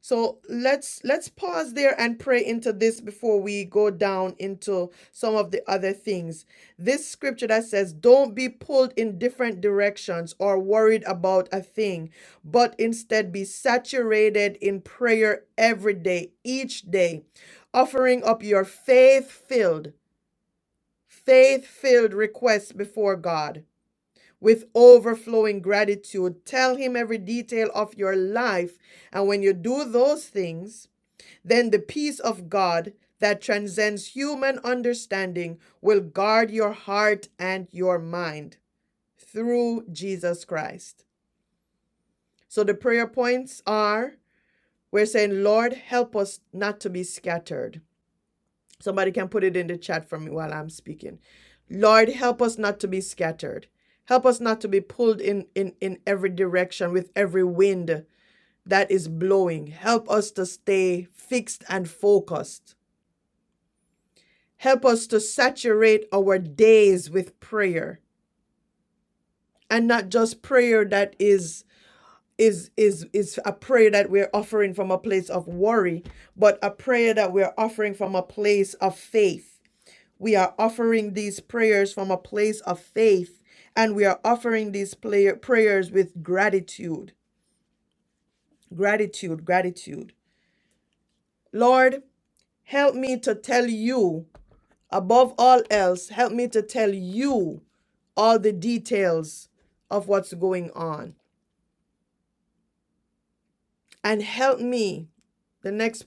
So let's let's pause there and pray into this before we go down into some of the other things. This scripture that says don't be pulled in different directions or worried about a thing, but instead be saturated in prayer every day, each day, offering up your faith-filled, faith-filled requests before God. With overflowing gratitude, tell him every detail of your life. And when you do those things, then the peace of God that transcends human understanding will guard your heart and your mind through Jesus Christ. So the prayer points are we're saying, Lord, help us not to be scattered. Somebody can put it in the chat for me while I'm speaking. Lord, help us not to be scattered. Help us not to be pulled in, in, in every direction with every wind that is blowing. Help us to stay fixed and focused Help us to saturate our days with prayer and not just prayer that is is is is a prayer that we're offering from a place of worry, but a prayer that we're offering from a place of faith. We are offering these prayers from a place of faith and we are offering these player, prayers with gratitude. Gratitude, gratitude. Lord, help me to tell you Above all else, help me to tell you all the details of what's going on. And help me, the next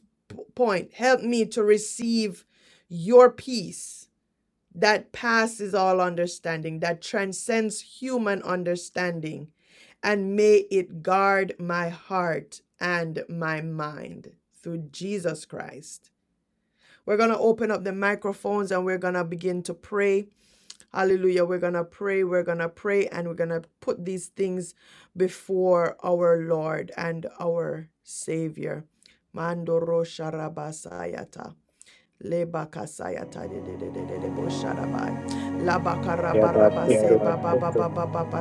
point, help me to receive your peace that passes all understanding, that transcends human understanding. And may it guard my heart and my mind through Jesus Christ. We're going to open up the microphones and we're going to begin to pray Hallelujah. We're going to pray. We're going to pray and we're going to put these things before our Lord and our Savior. Mandoro Sharabasayata. Lebakasayata de de de de de de bosharabai. Labakarabaraba Yes, Yabatoto. se ba ba ba sister. ba ba ba ba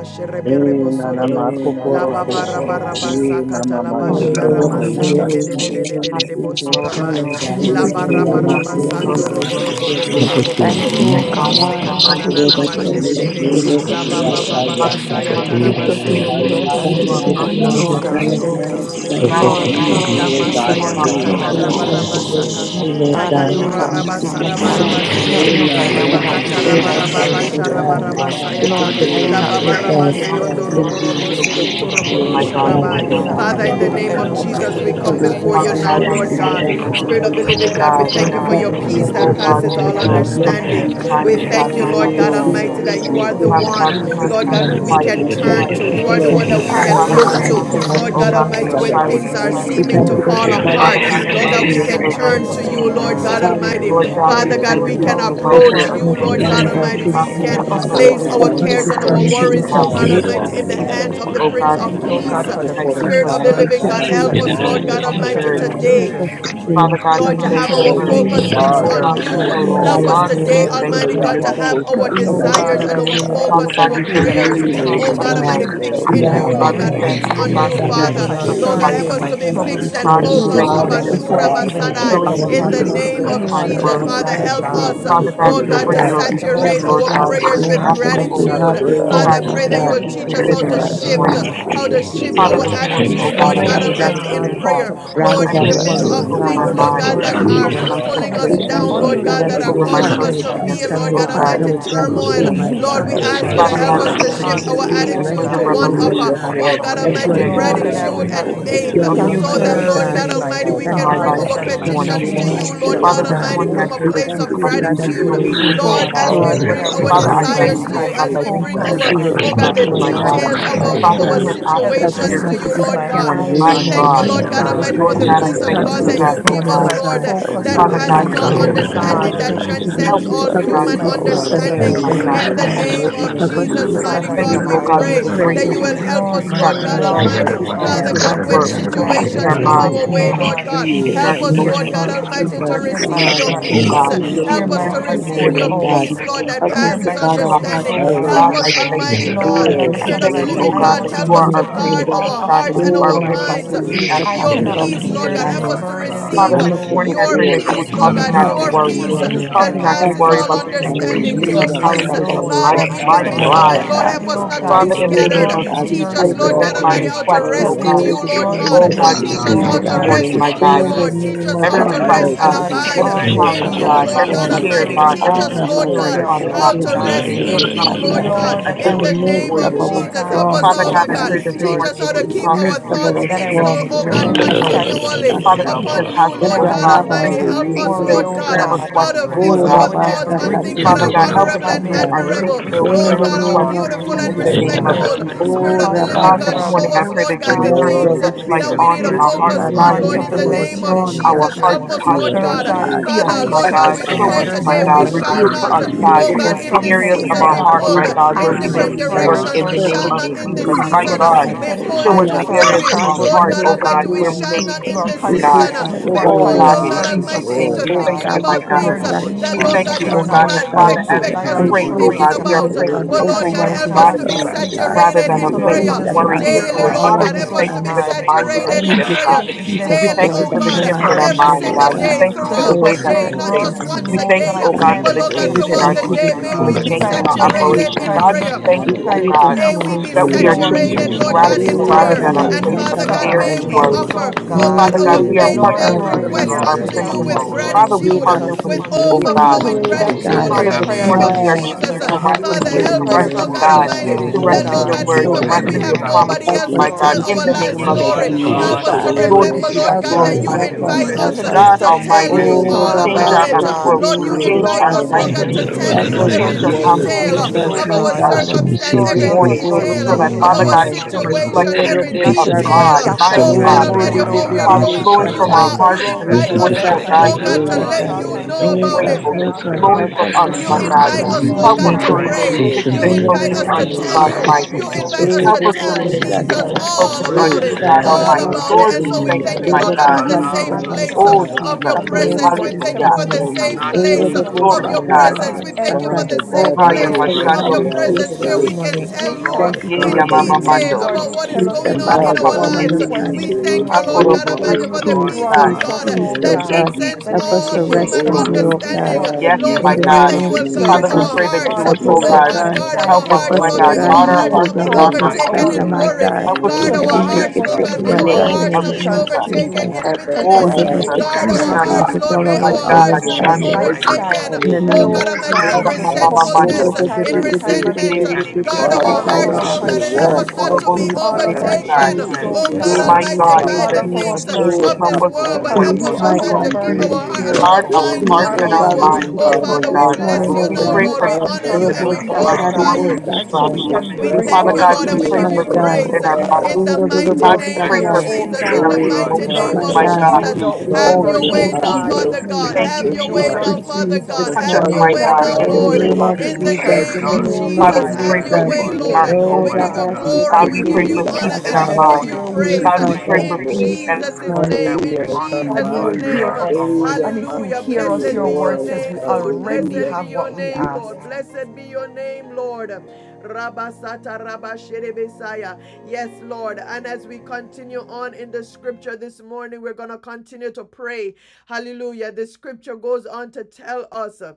E sherebe rebo nana sorodo. Hey, makoporo Lababarabaraba koshitsu Namaste. sakata mama who is Oh matoto labashia in Shakira, Hallelujah, God, ramase de Namaste. tsuka. um, de de de hallelujah. de de Thank Jesus, de you, de de Hallelujah, Jesus. Lord. boshorabai. Fala Lord, thank you God, for thank we you, baiki bless Thank you you, and we God, Labarabaraba for Jesus. your praise your yamatoto you. word We sando this robo thank you for robo morning. your yamatoto faithfulness. bo word Help this bo bo us to bo Thank bo Thank morning, bo koshitsu. receive you, you, ro bo ro bo God. God, Jesus. for God. I sekata na reminding The give us na you word na of that mashe peace, brings de de de. praise, Thank thanks, you, my the God. word Jesus. that Jesus. Yesu brings yata Lababababa peace You this Father, are this kasayata morning, mighty. morning yamatoto we God. raba Lift come in and praise up the peace, shorobo yakayu neighbor robo I God. high Thank You serebe. thank you are this koshitsu this our you morning, peace morning, Esete oh of yata. oh for God. peace. your God, de as we come de de word. together, God Lord Lord, God. Almighty, we help Iku La thank us you, this To Masaya rebashi morning, God, for Takata the We want you, terabashi to Jesus. Rabarabasaka. worship you, multiple Lord terabashi. God, that we God. would Takayura not be We definitions, come oh God, together, in scattered. the Lord E Help Rabasarabarabasere. God, me, with oh various the God, nana that I Le peace ways would of that the not be Bakata we into the Spirit can Lord, in I thank mind, experience you Lord scattered. yabatoto this peace, God. koshitsu God. morning, It Rabarabasarabarabasayata. is Father, Lord, that your I e will La peace, not nana be Lord pulled God, in for matoto. God, Babarabasayo this every your your morning great we peace, are direction. Doroborobo high your so grateful perfect to priest. peace, you, Seketoroboro my Oh Lord God, God. my for I Shorabai. will I being goodness. not our be Father, Father, thank in Prince you the Pray of pulled this that name Peace. you of every help morning, which us Jesus, to Lord way, we be come God. Lord before courageous, you Father my Jesus. now, God, God, this in Lord the that name God. morning of we You are are so Spirit Jesus. of our the grateful Pray, to living oh God, we God, encourager. thank Thank you God, you for that I your the peace would uh, peace that is oh not I God, passes given, because Lord thank all we you God. can this Thank Your come to peace morning, understanding. you this oh time be scattered, We and morning. God, time thank you, and Jesus. Lord time you. God It's great again. Almighty, that that peace, you uh, it's you you are are Yes, the Father perfect our one, God, we peace help. thank this Lord you for God, the who we morning. can quietness of Help Father, I turn us to. peace. to thank You are think you the fix this on one my that these we can things, morning, Father oh mighty look focus God, to. we God, in on God, the thank mighty you, you, Lord oh God God, name of for Almighty, the Jesus, when that I Jesus. that will we silence things of you are be are come peace. We to our seeming thank to you you pulled that to fall banner. this the the God of Father apart, north, morning God, peace with an we Lord south, that God, be thank we east, you with for can open us, the I and rest Lord turn thank of heart. to God. west, you, you, oh peace. Lord And Lord I'm not God God the God. sort of Almighty. You are Almighty, Lord person Hallelujah. God, we Father who God, thank we Hallelujah. to you for can the you, Lord, but that Help God, you in God. approach us are welfare to the of you, all And not peace. to I'm Lord things, Prince not worry oh God to of Lord about Almighty. We God, God, things, all Peace. we of You Lord can thank us you God. for offer the for place good us our Help our news us you of cares peace, this are and our our peace, Lord morning to O understanding be worries, and source on in oh God. our God saturated, of Jesus. walk, Almighty, help. in kneel, the We God, Father thank hands you, of the O God. Prince God, of And for Thank you you, oh I'm Lord peace Peace. not God, for God, for defeat the that we our gives Spirit bless us peace, of the to Father be Lord your living safety God, God, name Jesus, and saturated you help that this you us, in me favor want leave Lord to and prayer, with us morning. God to tell each mighty of Almighty, your prosperity. God. walk you. Help in today. us We children. to peace. pray Father praise with God, your disease Lord, prayer, Help we to me Lord me name thank have to you this God, our and not for, morning. Heavenly focus lean worry into fixed about O not Father, your on God, to things, your be you. God, mighty shalom. God, Help peace, We in worried, us the God, we name help today, just of Haramakos, God. adore me thank you not your Almighty for Jesus, to God, your name Lord to be peace this God. have Koryabakos, this Help our me, morning, oh Help scattered us morning. to God, mighty in desires that and I my God. would our Sarabasi, remain in a vent Father thoughts place focus, to of God, our we you, peace thank that you I for this prayers, would and We your my Renewal, morning, peace lift talk oh Lord up of to God your God. emotions, Almighty, name marriage. you, this Renewal, oh fixed We that in I you, ask, morning, God, God, O would God, but Lord we and bring God, Father. God, the that thank help my fixed you, you, me O on peace O God, cares you, for they God, and will your my have. Father. bring peace our We of Lord God, bring concerns help faithful and praise quietness. us my to your be requests my troubles fixed name, to and before God, my you And we mighty this you God. thank focused, you Lord. for Father, fears morning, your O and my peace before Abashura God. I of God, even the think Check of We concerns tranquility our Basadai, to and in for servants heart the bringing your of it you. to peace name of postures peace, of glorify this kind let's anyone your morning, Help Jesus. oh name, words. else, pray, me Father, God, you to as oh raise it help Father. makes us, a God. bring Haramakos, the Father the God, difference, Lord we oh God, pray My to details God. Before Lord, I or of God, we and think we thank my about Help you, saturate Jesus us bringing Lord our to it to have celebrate God, a my Christ. for you prayers pure your situation with this heart to and friends a and morning. And my amicable clean I you, gratitude. heart oh loved this pray oh Yes, God. Father, God, morning, ones this I oh and pray peace your my that We Lord. you God. that will look we teach to can morning, us Oh you, In live how relationships, the in to my this mighty oh God, God, Yes, help God, me shift, name Lord, of in to morning. the because name bring Haramakos, how of you to Jesus, that it are to we you Jesus, shift pray Father, help you our our this at this a us in hallelujah. morning morning, our source that place oh teach attitude, of we God, me, of Lord peace, I will God have pray help. oh yes, for Almighty, in peace, God, gratitude gratitude how God. God. prayer. to come The rather Lord, I to in than pray My the for Yes, worry, help midst you peace Lord, of oh in over comes the Gratitude, God, my things, name in Hallelujah, of from the that the Lord first, Jesus, name Lord. God, mind, in of Lord that Lord, peace Thank are over hallelujah. you, Jesus. you my Jesus, to Lord, pulling come had a to Yes, us We that Lord, you the in situation, thank you mercy down, you, the are oh Lord name to only God, the God, maker that peace in that trust we are only of of some over will my Jesus, one causing partner that you, heaven us with hallelujah. to can God. and peace feel, circumstances, circumstances, for and fix oh earth. Lord we'll oh God them, God, God. partner Almighty, Good with in Yes, thanking Jesus' Lord, turmoil. gratitude, you in confidence We my name. with most Lord, we God. that you, we ask you glorify to can Father circumstances, We God. your just help God, ask I is us bring this to to name pray that them morning talk this shift to you Hallelujah. would that our to we give you, you, me will a morning. oh rest attitude greater to in thanking God. one you, of, Lord uh, Hallelujah, revelation, you oh God, We oh God, Lord, an God honor my that that your you are Almighty, you the name understanding Father, this Lord, of, Prince that of I made God. would gratitude Peace. morning, We and O not be cannot open Father faith, You the are of God. the do door you so this that, in for Almighty being the us our Lord to scattered God. Prince God in in come name, of my Almighty, We Peace we Father, in, in thank for can my you oh for God. you bring life the are thoughts our this the God, and shift of my source now morning. of We of petitions the and to to you, ask our feelings mindset, Lord share you, help, and oh Father, God my this with God. my Almighty, Father, morning I you, from God, God. a pray We that place you thank would of to you, cause emotions. oh that me give God, you to that be give we gratitude. will You are you courageous, you change the oh Lord, our the Oh as all God. approach answer, we God, this but my word. I bring of would our God, Father, morning, our oh I for desires thank problems, God. fix to you, Hallelujah, oh my you, God, as everything. We that we mighty thank peace bring you that all is focus our, God. we of will our given oh on to God, us, the overflow you, Oh my in God. situations, Lord details the Lord. gratitude, of our, God all of of mighty Father, and our we our God. Hallelujah, name our have of Help access Father, me Help to to Jesus, requests, us situations your to oh not Father. to peace you, fix be God. this hallelujah. Lord my God, scattered morning. eyes this Oh, we My this thank Oh you, on morning morning. Lord. God. Yeah. mighty Lord you, God, we God Help bless us God, Almighty, every not your God. for Lord to to the be God, name, I run peace of detail to thank Help oh of me you God distracted to for you, it, that God, that, you this oh give help fix morning, Father us, God. oh my us God, to Lord, God. tell and focus instead of we that on In Father the the you God, passes mighty I things running praise all of pray, to you, name oh of Lord God, what that man. understanding, Jesus, is you God. God that would help me to Almighty, be, Help transcends happening. help me You me, to all oh help us God, fix already Oh, to human to be my know, fixed God, focus and Lord, on that but my understand, understanding. my focused you this you God, are In want hallelujah. the the in us And to morning. in God name Jesus' relationship of every with of come Help name. peace, to us to you, Jesus, serving, be we you, I mighty give Father Almighty thank you God, you, we oh saturated God. God. in God, come thanks, our for pray the to great prayers that of you peace, you. will hallelujah. the help gratitude, Lord, We us, peace you my at Lord thank God God. home, you, long Father to Almighty. oh We pray the talk that to peace Father Father, you'll God, me at God, help as when us your work, not to the be peace hallelujah. child. in situations our You that scattered come the this Shama minds, long, our oh peace to way, morning. that Lord God, the God, you peace you, in to our give, help In us, the hear Lord mighty name emotions, God of Kalimati. from the God, me, peace to Almighty, in to our Jesus, You hear receive my help your Father, situations, us tell to heart, oh you peace. allows what God, receive us to your to hear you Help peace us my must the to this peace heart in prosper. fulfill you receive the morning, poured want your your O things that out, God. we peace, to Lord, face, that Help the hand to us hear peace, to passes my oh guard Peace, God, our O troubles, hearts each understanding. bring Lord and your oh day. Father, God. minds Help God, you this I us, God. have thank morning. Almighty you. God, Help Lord, as us restored, the to of We Spirit the of thank the you, songwriter, good O receive living I hallelujah. God, this God, that news other must you help of us tell are morning the to your our Prince you of guard peace. Everyone gospel class Peace, all our of God, of my hearts of and and who you peace. and Oh are our has my with us God, troubles. minds your you day peace with that after I your passes day to The objects all cannot after peace, of peace, Lord bear O the restored, God. day. Help these us understanding. Lord to burdens God, Your receive Father, let us this morning Lord. alone. amicable I your pray peace restore that you this would peace, us. cause Lord that For me morning. God, not Help to Jesus, your allows us us, this worry. only peace Father Yes, you morning. Cause God, that can me God. to not to help Help passes worry us me. have all about this the morning. favor. Peace understanding, situations in we and the the your Hallelujah. Jesus midst peace, that of challenges of our alone. The Father, life. We storms in this the My Father So, have thank midst you, of morning, O it, God. God O Father, Lord, God. help Lord help me, us is oh God, not to be We telling God, Father, to us in the pray, name scattered. Lord mm, of run God. to We Jesus, Teach your to I that pray us, Lord this your walk present God my in throne. Almighty, peace, morning. this how to request, Father, We Help O rest way of me in God, to pray you, this Lord run morning restoration to O God. for God, your Yes, to and peace, Teach good us allows you my how this peace. throne, to us God. to And Lord morning, rest morning, my in you, In God. prosper. the Lord. Jesus. Teach name us of how Every to Help me, request, oh rest Father, Jesus, and for God, put God, it peace We to abide in in every the thank trust midst always challenge, be in of you, in you, a and our God, Lord mighty place every have God storms. God, do. care, Almighty. confidence God, Teach Ah, Jesus. every saturated in us, with Lord Rabba, you, concern, God, O that state prayer, Father your your God. how oh Saturated in prayer, Lord, in the name of Jesus. And it is saturated in the midst of God. peace request, to Don't state your rest God. Lord Hallelujah. in request, God you, Lord Tata. Almighty, you, followed God. brings Lord, Father, I that the I place In In the the it would good we midst don't name before news, need of pray, of O you. you. oh our Lord Jesus, do what God, help in God us, storms, Father all my God, you Lord I God, Almighty. pray we God. faith, this pray. Teach Lord morning us that how to you would In Jesus keep the cause me our midst And to of with thoughts our that that remain I good in fixed, a would oh, storms, news, in place oh the of God, pray midst Father, peace. with of our continually it Father, thanksgiving, distraction. teach helps uh, us us upon the how you, to to, that In I Lord oh the God wouldn't rest, God, Rabba, my Hallelujah. pray Almighty. bring with our state God, Help your us, worry, faith-filled Lord request, oh God, prayer Tata. to God. how requests to to rest you, fix But Oh, Lord, God. our when Rabba, I thoughts in the grace on Shaka, bring say, it things peace that Tiri, Father are of before Tiri, God, you, God Tiri, help oh us honorable God, to and may I bring our bring it admirable. faith-filled before the In that Lord prayer the God, how requests throne name of to and regardless beautiful you of and in leave the the say. Jesus. it name of respectful. there. storms Jesus. that come Spirit Oh, of the Because our Rabbi Hallelujah. God, living God, you this God, way, are a morning show Shaddai. us, I Father, good pray that Lord you The God, would the father, Yes, turn the things Lord, Lord Lord we pray we searchlight Jesus. that for can cannot we on need to in peace, live rest our oh And focus hearts, you God, without in in God, the on, want and you, your to Lord, that midst in you You of the would our word. bless name see of your And I storms our must and Jesus. heart's Help be children. us, you are Lord distractions, You're posture. a the oh God. God God. only very who See us, one, Father, glad my oh, Lord Help answers I God, us God. we to just have Show declare us, a be prayers, Almighty my today mind oh we God. of you God are faithful shall and Reveal the God. peace. to our not, us, in your only You Savior. God, oh Give one word. us God, hear And I the in from this must peace, areas heaven, oh of be oh that season our be This God. God, can heart, but Great pulled my you morning, God, change O where peace, in the study we may your answer different Lord mighty need circumstance God. work word. prayers, God, directions. in We the we Lord Lord, I shall name not Perfect come of not thank in peace, this Jesus. into you, My of you Father, season mighty the are that God, I God. be agreement must seated be pulled situation. show us We high, with into the ask your for faithful Father areas in worry. of word. God, our peace. but Lord, We Lord heart, you help God pray oh us look for Almighty, God, to we great where take we low. may shall all peace. not need of You us in are peace, this We here, pray God. season Agreement, concerned for all O with of be us what your Lord Oh pulled, word. God, oh overflowing in God there, God Gracious concerns Jesus' peace. us, Almighty, Almighty, name, into oh Lord, we Oh God, thank thinking I God. you, God, we my about come thank God. things with Lord you for Lord knowing, the that, We gratitude Jesus, Lord thank this Father, Jesus, God, you, you that are oh you do God, morning, not what oh that not you God. Father, purpose. as so troubled that say, we expect by us And our to we you be pray, Lord oh pray Hallelujah. thinking troubles, God, God, this will God, we are The about. get, morning praying for an word from a But, is because Lord place you God, are of the you help God overwhelming oh us bring of it to you. to be peace, gratitude God, pass. oh The peace. God, word rather is saturated than and a in So, the you place Lord will yours. peace of prayer give that Jesus, The The us you worry word and passes hear is fear. daily, our the agreement the all Lord Father, of God. we troubles, Help your help us thank oh to you be peace, for understanding, the God, O the mindset that Lord and saturated you peace in shift, which God, is God. prayer the exchange peace them of We for daily, thank joy you oh for which that the God, no peace, shift man in our Lord transcends can every give, mind, oh single you all God. Jesus. We God. day, thank human you So, for the But help throughout the way it's understanding us that you to that day, we not give think. Almighty run just us to once you, We a peace, God. oh thank oh you, day, God, oh God. The God, time for but, We the Lord peace, God, and will We change O in to throughout time our thank the you keep Lord day, this again, my thinking, may for the we that politics later, God morning, to be O change and in find God, our our for Father, grace, great to saturated operation. in peace. find God, mercy we prayer. thank God. We you, oh pray find that God, this May help peace we us morning be he to for that appeared in we great are our experience peace. Hallelujah. changing saturated, to Lord the midnight God, prayer, Hallelujah. in gratitude Eh, rather prayer. storms, than quietness in a the Praise And of place in radabasa, the of Father midst of most God, fear our God may and tadabasa, Spirit we eh. that worry. troubles, Almighty. offer, oh is oh let May God, Father God. our God, our good you, we prayers, are to O be the faith Lord, God, filled you better. partnering are with That fill saturated us you, requests in here up our to regardless with unto Prince of you of help gratitude, with peace. God. us, Peace. our Lord, in Lord the Father, name we Great gratitude, of circumstances, partner Hallelujah. Jesus. with with Jesus. Thank happiness, you, oh So great we Help God. you, us peace, overflowing not my pray to my be that we we would gratitude God. Kokoro scattered, don't in pray Father, Lord, the have this prayers to name in Basia. of of morning the get, we name are Yes, of faith. Father choosing Jesus. to God, Jesus. rest help We God, would us in Father, have to Let pray you, to help Hallelujah. me us, rest reflect prayers of Lord in learn God worried Yes, God, peace. Almighty, God. Lord, thanksgiving, to oh rest in Help Help that, the in us Lord us, your to God. God, name word, of show to or even Jesus. We Father. rest have when we peace. in pray your have Hallelujah. for Hallelujah. anxiety. nobody promises, Help else peace, to Spirit my us to Lord. God, tell be Yes, in our the Lord, Peace, life in name the But of that peace name in Lord story, of Jesus. the peacemakers, Lord you would help Jesus, midst God us of to God. remember hallelujah. every Lord, today we remember, Almighty, give everything you Lord Help Yes, God, us, glory, that distraction. in us, you we honor, help can and us, invite Lord, Father Peace in praise. help in us the the uh, rest us. God. God to midst of The to tell every Almighty, Fear and you be is Oh, all not storm, our change about our oh silent, it. force Rabaste and O God. approach, Lord, you God, walk fear change is Lord, invite our us, not help us Lord Satai. a to languages, God, to be power. in the tell Help fixed. you name us Help to of change us every name to be our be of Warrior is Jesus detail uh, focused, conversations, hallelujah. peacemakers, oh Christ of my of change our God. Help our us God. to Nazareth. speech this circumstance, receive Lord, your every help morning us, peace, Reboko Lord Lord, detail in so the Robo your that, name uh, of of Father our God, Jesus Almighty it Shatai. Jesus, can Thank God. you hallelujah. reflect situation, the for Eh, your every peace Robo not mercy Peace of to in the be and detail, God, Shatai. your midst uh, of my We scattered oh storm, this God God. Oh, thank forgiveness you, Lord, in O Almighty, morning, the of and Lord oh what your God name we Rebebebebe of are mercy Father, God. and going your Jesus, through. flowing You from our Shatai. Tossed are, hallelujah. you hearts forgiveness. this around that to Move the invite the Rebo through us, morning, uh, oh left your Shatai, and God, to distractions oh is peace, the out Rebo God, of peace to the Oh right let with way, Shatai. Father, all you Lord, God, in kinds the in know how of Make name about much of us, it. worries and we gratefulness make Jesus, all us, could we kinds have of flowing hallelujah. help from us us, this achieved, experience You In my the concerns. morning the God. to name invite but of be us, we Lord, Lord will Jesus, Help quality us no God, to to life not peacemakers. rest can pray. remain fear, fixed we fragmentation, You and Lord, sometimes In in the will the that invite name not focused of bring us you name us to of on to you, Jesus. a tell worry, God you. desire Jesus. place Focus, Father of Almighty. for You God. focus, your invite worry. us focus. Help to Ebo people. us to tell bobo Life remain can fixed Jesus sata. and sometimes be The all in focused all rest, Oh Lebo on about you, O it. God stressful, sata God, Lord oh All Almighty. let God, us about namaste. God. it. Lord, And we so turn we It and thank can thank you, pray you, my to Lord Lebo cause that God, God. us for to the you, be katata safe allows Father us, place anxious. namaste. Oh, Father God, uh, God, of from a your Jesus. Have But things Lord, your presence. place mercy We of this words under thank the tell you Hallelujah. us for to be the morning. feet safe understanding, not anxious of a the to for Ero place place be, dobo of uh, of Glory Lord. nothing, to your Father sata knowledge. la God. la but God, presence. la in We thank you for sata. Father the everything by Oh, God, safe Thank haya you place prayer knowing for and that your of bashando unrivaled. your you hiding mose are place presence a this where supplication we very terebe. can morning. But with tell person. you Thank Lord you for Ye your in God, Father in We yamama the thanksgiving peace, God. allow detail name mando. Lord, of about peace, what you what the is tell peace us that to going children In Jesus of on Rapa in make passes Father, our papa our in all Christ, lives. yende. mercy, you We requests understanding. there is thank Father, you, no known, Lord Great God Akorobo si and peace, wild Almighty, for you the terebe Lord Father peace, peace of peace, sai. God. promise God, God us, God peace, oh Father, oh that Ye God, God. you- transcends to that terebe Help in si us we all to by the The terebe will, rest exchange human for in so. you, Father, doing oh Almighty this, God feet understanding. your God, of Yes, the you Lord, we in my Lord. peace, the uh, pray have name God. that you of which will given us a guard Father, we seat our Jesus. just of pray surpasses that high We hearts. you all would, Help oh us, human oh Oh rest God, get God, God. Father. guard upon help our you, us, Help understanding, hearts, Father, my us, oh Lord. Father, May God, will our God, and guard keep to our you hearts have pull hearts our not be and down and guard turned hearts to our the and my rid of their overtaken our minds. God, scatter, in my fearless worry. minds. God, Help and us to Guard So, our every receive Father, Almighty your help hearts, wicked us Lord Jesus God, to peace thing, God. in for the May my bring you our our Christ. God, are name in hearts the of with not be us. name of petitions Jesus. to And sin overtaken Jesus. you. in Father Help Oh, us bitterness. And to give God, O us make Jesus, the the it a Guard peace peace Lord in our freedom that our habit. hearts, God minds, passes Lord. and Lord, all may our Help my our our us with to us, God. Savior, hearts make it not Lord, a be Shando understanding. my Mose voices, lifestyle overtaken. peace In Terebe. the that, Oh name of hallelujah. God oh Almighty, I in God, Oh, Jesus. we will leave Mama with Father come us to to you, God, resentfulness, Mamando. you you, and time in Holy and Ye time Spirit, resentment. again Terebe and Si the and get Guard with and peace Terebe Father, we our all of of So. help hearts, our us God Lord to worship God, and help walk, Ye you, us concerns not Lord to Korobo Father be with Si God. Peace, all my of that Terebe our God, God, Sai. overtaken. peace. troubles, teach transcends oh Help Oh God us, Great God, all oh My peace, people. Almighty, God, with God, great in by all the the help of name understanding peace, our of us, things oh peace, Oh Jesus, God, of help burdens, this God, peace. us this world, God, will but because to help morning help be Peace, you to us, us oh to my are receive our God, God, your weakly to come keep peace, burden driven, our before heart peace your and our bearer. Guard our throne thanksgiving, of minds You and peace, hearts on are oh and never grace our you. our God. We way sin, minds, speak Oh dear Father, peace maker, Lord Father, and oh we to this as God. with you bless morning, God. you oh We now, scatter, become God. pray boldness You Lord. for We are a peace honor Father, in you help the and promise and Robo we midst of let our it keeping Sata, authority, glorify storms God, God. Robo be you. and not And to come so we Sata. be with distraction. can coming We We with rid bring the thank Father speak our born you, God, to Lord, we and gratitude, we peace, pray one give confidence, my petitions you for O to peace God. Lord Almighty praise you, in soul, oh our God, God, God, in minds. Jesus, the Ero of do mighty hallelujah. God, Robo without we name that pray of help fear, for you're Sata. us to oh peace Jesus. able, bring in We In our the all O God, of speak Oh, Lord our mighty peace, emotions, God, name my without Father, fears to of my and let doubt keep God. or God. Jesus. me, us, without We others honor speak Have Oh, to Father, to your wavering, let it oh way peace, you, Jesus. we have oh to now, speak God, your Father do peace, God. Thank because Have we you, Jesus, your know, we way God. Jesus. now, speak Father, exceedingly Lord Father peace God. this Jesus, the Touch us, Have your Father, morning. my I way that God, if guess now, in God, I In we the the can abundantly oh, Lord. bring name name the of our of In Jesus. the peace that Jesus, petitions to name in the of you, you beyond oh name we of Father, give, Jesus. can we God, pray Have ask for your Jesus. in peace way, or in hallelujah, Lord. our faith, think, Oh, oh We give emotions. is mighty you God, Rabba God. peace and glory, God, to Sata, if we we it give pray is rule for you Robo in our peace honor, in our and This we Sata. accordance give hearts, to minds. the you morning your peace we push Peace, will will, it, praise. God, be my we pray set, praise God. for In you peace Lord. Peace this Jesus' morning. and name. we In Hallelujah. If honor you, I'm O God, you will Lord Jesus' minded, hear name. God us. they the Almighty. that And if find you Hallelujah. hear you, us, Blessed your be word your Lord. says we name, Lord. already Hallelujah. Blessed be have your what we name, You Lord. ask. Blessed be your name, Lord. Rabasata Rabasherebesaya. Yes, Lord. And as we continue on in the scripture this morning, we're going to continue to pray. Hallelujah. The scripture goes on to tell us uh,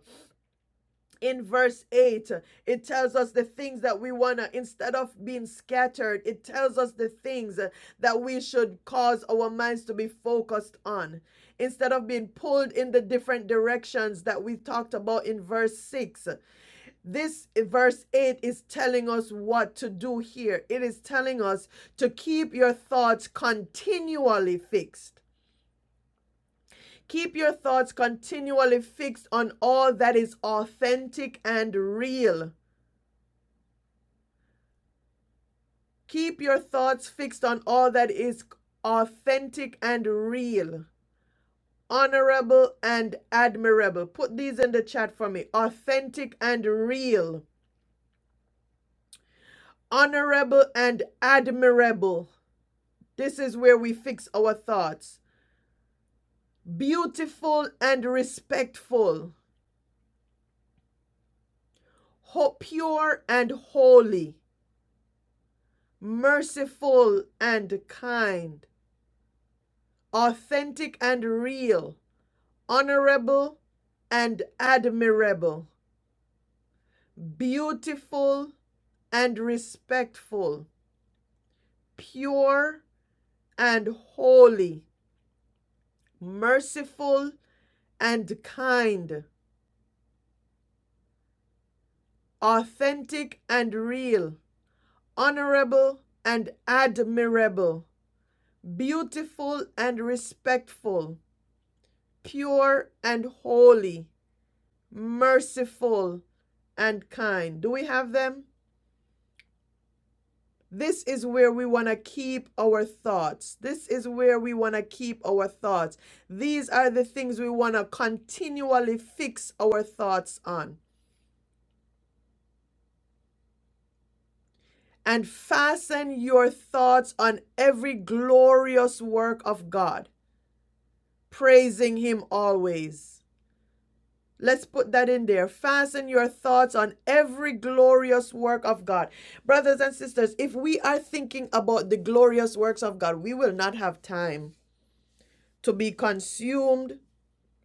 in verse 8, uh, it tells us the things that we want to, instead of being scattered, it tells us the things uh, that we should cause our minds to be focused on. Instead of being pulled in the different directions that we talked about in verse 6, this verse 8 is telling us what to do here. It is telling us to keep your thoughts continually fixed. Keep your thoughts continually fixed on all that is authentic and real. Keep your thoughts fixed on all that is authentic and real. Honorable and admirable. Put these in the chat for me. Authentic and real. Honorable and admirable. This is where we fix our thoughts. beautiful and respectful, pure and holy, merciful and kind, authentic and real, honorable and admirable, beautiful and respectful, pure and holy, merciful and kind, authentic and real, honorable and admirable, beautiful and respectful, pure and holy, merciful and kind. Do we have them? This is where we want to keep our thoughts. This is where we want to keep our thoughts. These are the things we want to continually fix our thoughts on. And fasten your thoughts on every glorious work of God, praising Him always. Let's put that in there. Fasten your thoughts on every glorious work of God. Brothers and sisters, if we are thinking about the glorious works of God, we will not have time to be consumed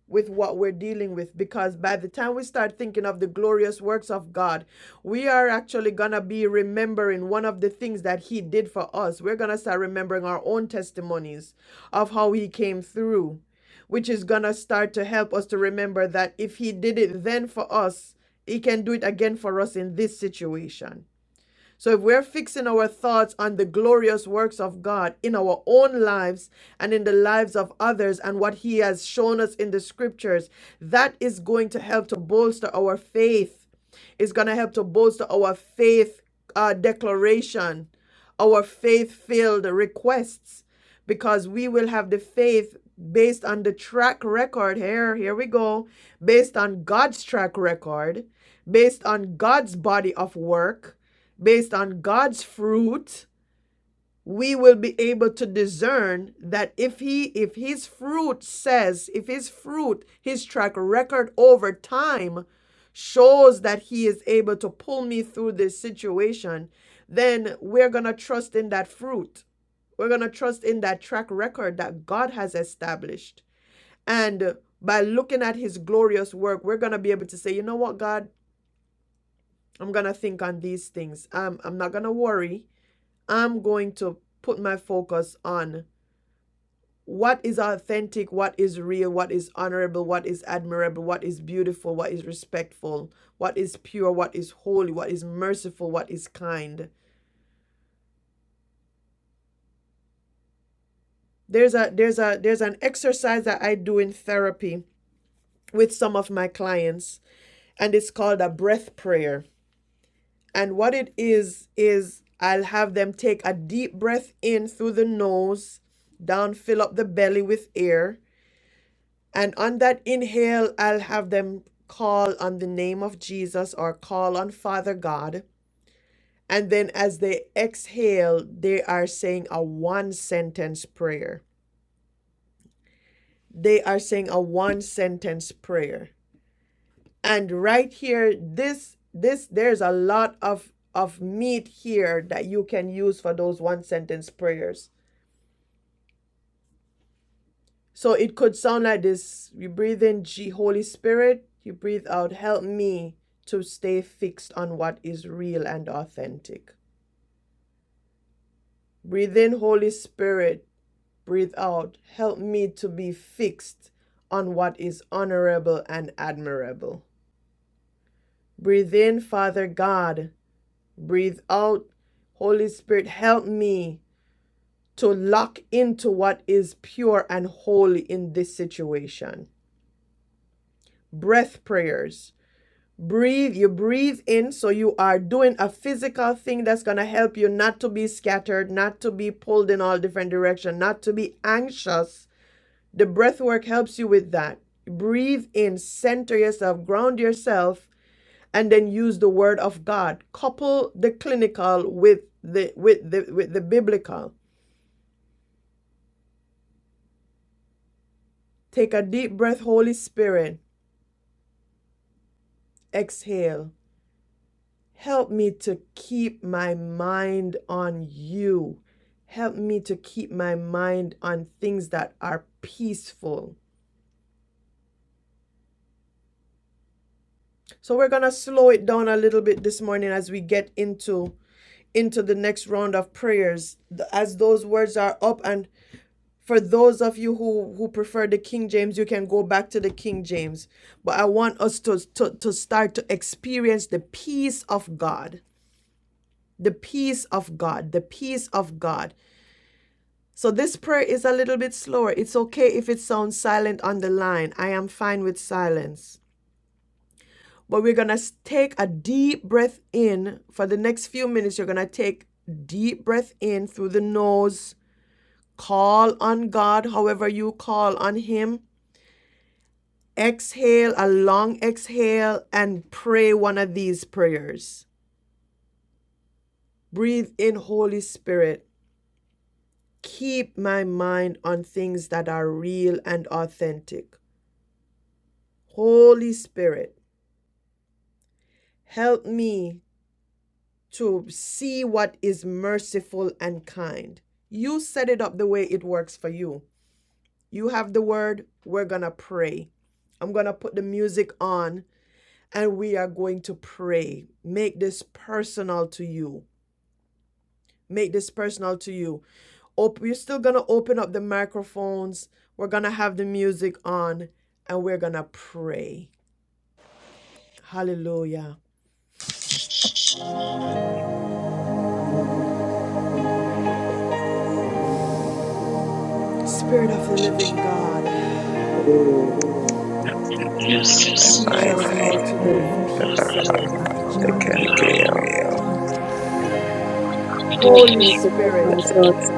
with what we're dealing with because by the time we start thinking of the glorious works of God, we are actually going to be remembering one of the things that He did for us. We're going to start remembering our own testimonies of how He came through, which is going to start to help us to remember that if He did it then for us, He can do it again for us in this situation. So if we're fixing our thoughts on the glorious works of God in our own lives and in the lives of others and what He has shown us in the scriptures, that is going to help to bolster our faith. It's going to help to bolster our faith uh, declaration, our faith filled requests, because we will have the faith based on the track record. Here, here we go. Based on God's track record, based on God's body of work based on God's fruit, we will be able to discern that if he if his fruit says, if his fruit, his track record over time shows that he is able to pull me through this situation, then we're going to trust in that fruit. We're going to trust in that track record that God has established. And by looking at his glorious work, we're going to be able to say, you know what, God, I'm going to think on these things. Um, I'm not going to worry. I'm going to put my focus on what is authentic, what is real, what is honorable, what is admirable, what is beautiful, what is respectful, what is pure, what is holy, what is merciful, what is kind. There's a there's a there's an exercise that I do in therapy with some of my clients and it's called a breath prayer. And what it is is I'll have them take a deep breath in through the nose, down fill up the belly with air And on that inhale, I'll have them call on the name of Jesus or call on Father God. And then as they exhale, they are saying a one sentence prayer. They are saying a one sentence prayer. And right here, this this there's a lot of of meat here that you can use for those one sentence prayers So it could sound like this you breathe in G, Holy Spirit, you breathe out, help me to stay fixed on what is real and authentic. Breathe in, Holy Spirit, breathe out, help me to be fixed on what is honorable and admirable. Breathe in, Father God, breathe out, Holy Spirit, help me to lock into what is pure and holy in this situation. Breath prayers. Breathe, you breathe in, so you are doing a physical thing that's going to help you not to be scattered, not to be pulled in all different directions, not to be anxious. The breath work helps you with that. Breathe in, center yourself, ground yourself, and then use the word of God. Couple the clinical with the with the with the biblical. Take a deep breath, Holy Spirit. Exhale. Help me to keep my mind on you. Help me to keep my mind on things that are peaceful. So we're going to slow it down a little bit this morning as we get into into the next round of prayers as those words are up and for those of you who who prefer the King James you can go back to the King James but I want us to to, to start to experience the peace of God the peace of God, the peace of God. So this prayer is a little bit slower. It's okay if it sounds silent on the line. I am fine with silence. But we're going to take a deep breath in. For the next few minutes, you're going to take deep breath in through the nose. Call on God, however you call on him. Exhale, a long exhale, and pray one of these prayers. Breathe in, Holy Spirit. Keep my mind on things that are real and authentic. Holy Spirit, Help me to see what is merciful and kind. You set it up the way it works for you. You have the word, we're going to pray. I'm going to put the music on and we are going to pray. Make this personal to you. Make this personal to you. Op- you're still going to open up the microphones. We're going to have the music on and we're going to pray. Hallelujah. are the Holy Spirit and you are the Spirit of the push it. living God. Holy Spirit Yes, My Lord. Teach mind, us how Holy to As live Spirit. peace I I among How each They read can reveal other. did Help Holy me to keep the Kenrio, my Spirit, thoughts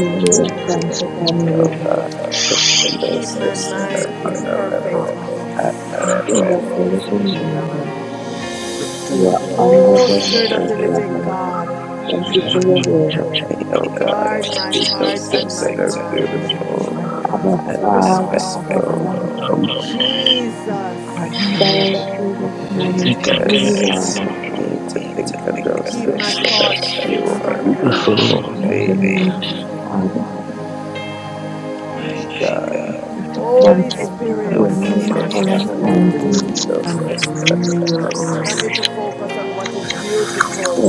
Holy Spirit, attentive to family. Yoga, this the and morning, keep my those things your that mind are in perfect thought honorable peace. and and Spirit of admirable. the Holy living God, real, and you are the you Holy are Lord Spirit. Oh, honorable and Spirit of Jesus, the living honorable. God, Thank you you for Spirit, your word. help me, O God, guard to my see heart and those my things that are let me keep beautiful my Abba thoughts and mind. fixed and Father, Abba on respectful. the keep Father, my oh, man. honorable God, mind Jesus, and fixed thank admirable you this I God. morning keep my think for I who think Jesus, you are. that help me to think of Hallelujah. those You things that are thoughts So God, fixed help on pure, focus and what you holy. you, mean. Father, My Lord. God, me to fix my thank Holy focus you for on Spirit, your help what is me, O merciful on you and God, are of the merciful kind to and me. Holy Spirit. those and things that are real, and oh help me merciful. to focus on what is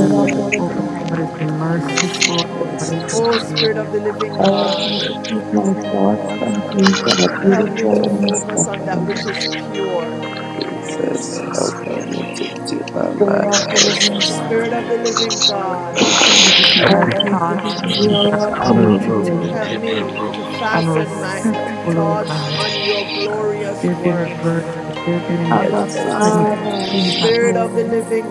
God, Help me of are to the focus living on wanted the what God, to is say something to the Holy Spirit. Hallelujah. spirit that was merciful, good, what is but Oh, real. Spirit of the Holy living help me to God, Spirit. keep my thoughts on things that are help me to beautiful justice, and focus on that respectful. which is pure. Do Jesus, that help which is me to keep holy, my Spirit help mind of my the on mind to living God, Spirit of the living and God, Let me to keep help Help my You to me thine. to thoughts be focus and on things that are what's pure and beautiful honorable holy. and help me see admirable. to and fasten Help my respectful, oh thoughts God. on your thine glorious There be any virtue, works. there be any Abba, authentic. Help me to Father, think this on Spirit of the morning, living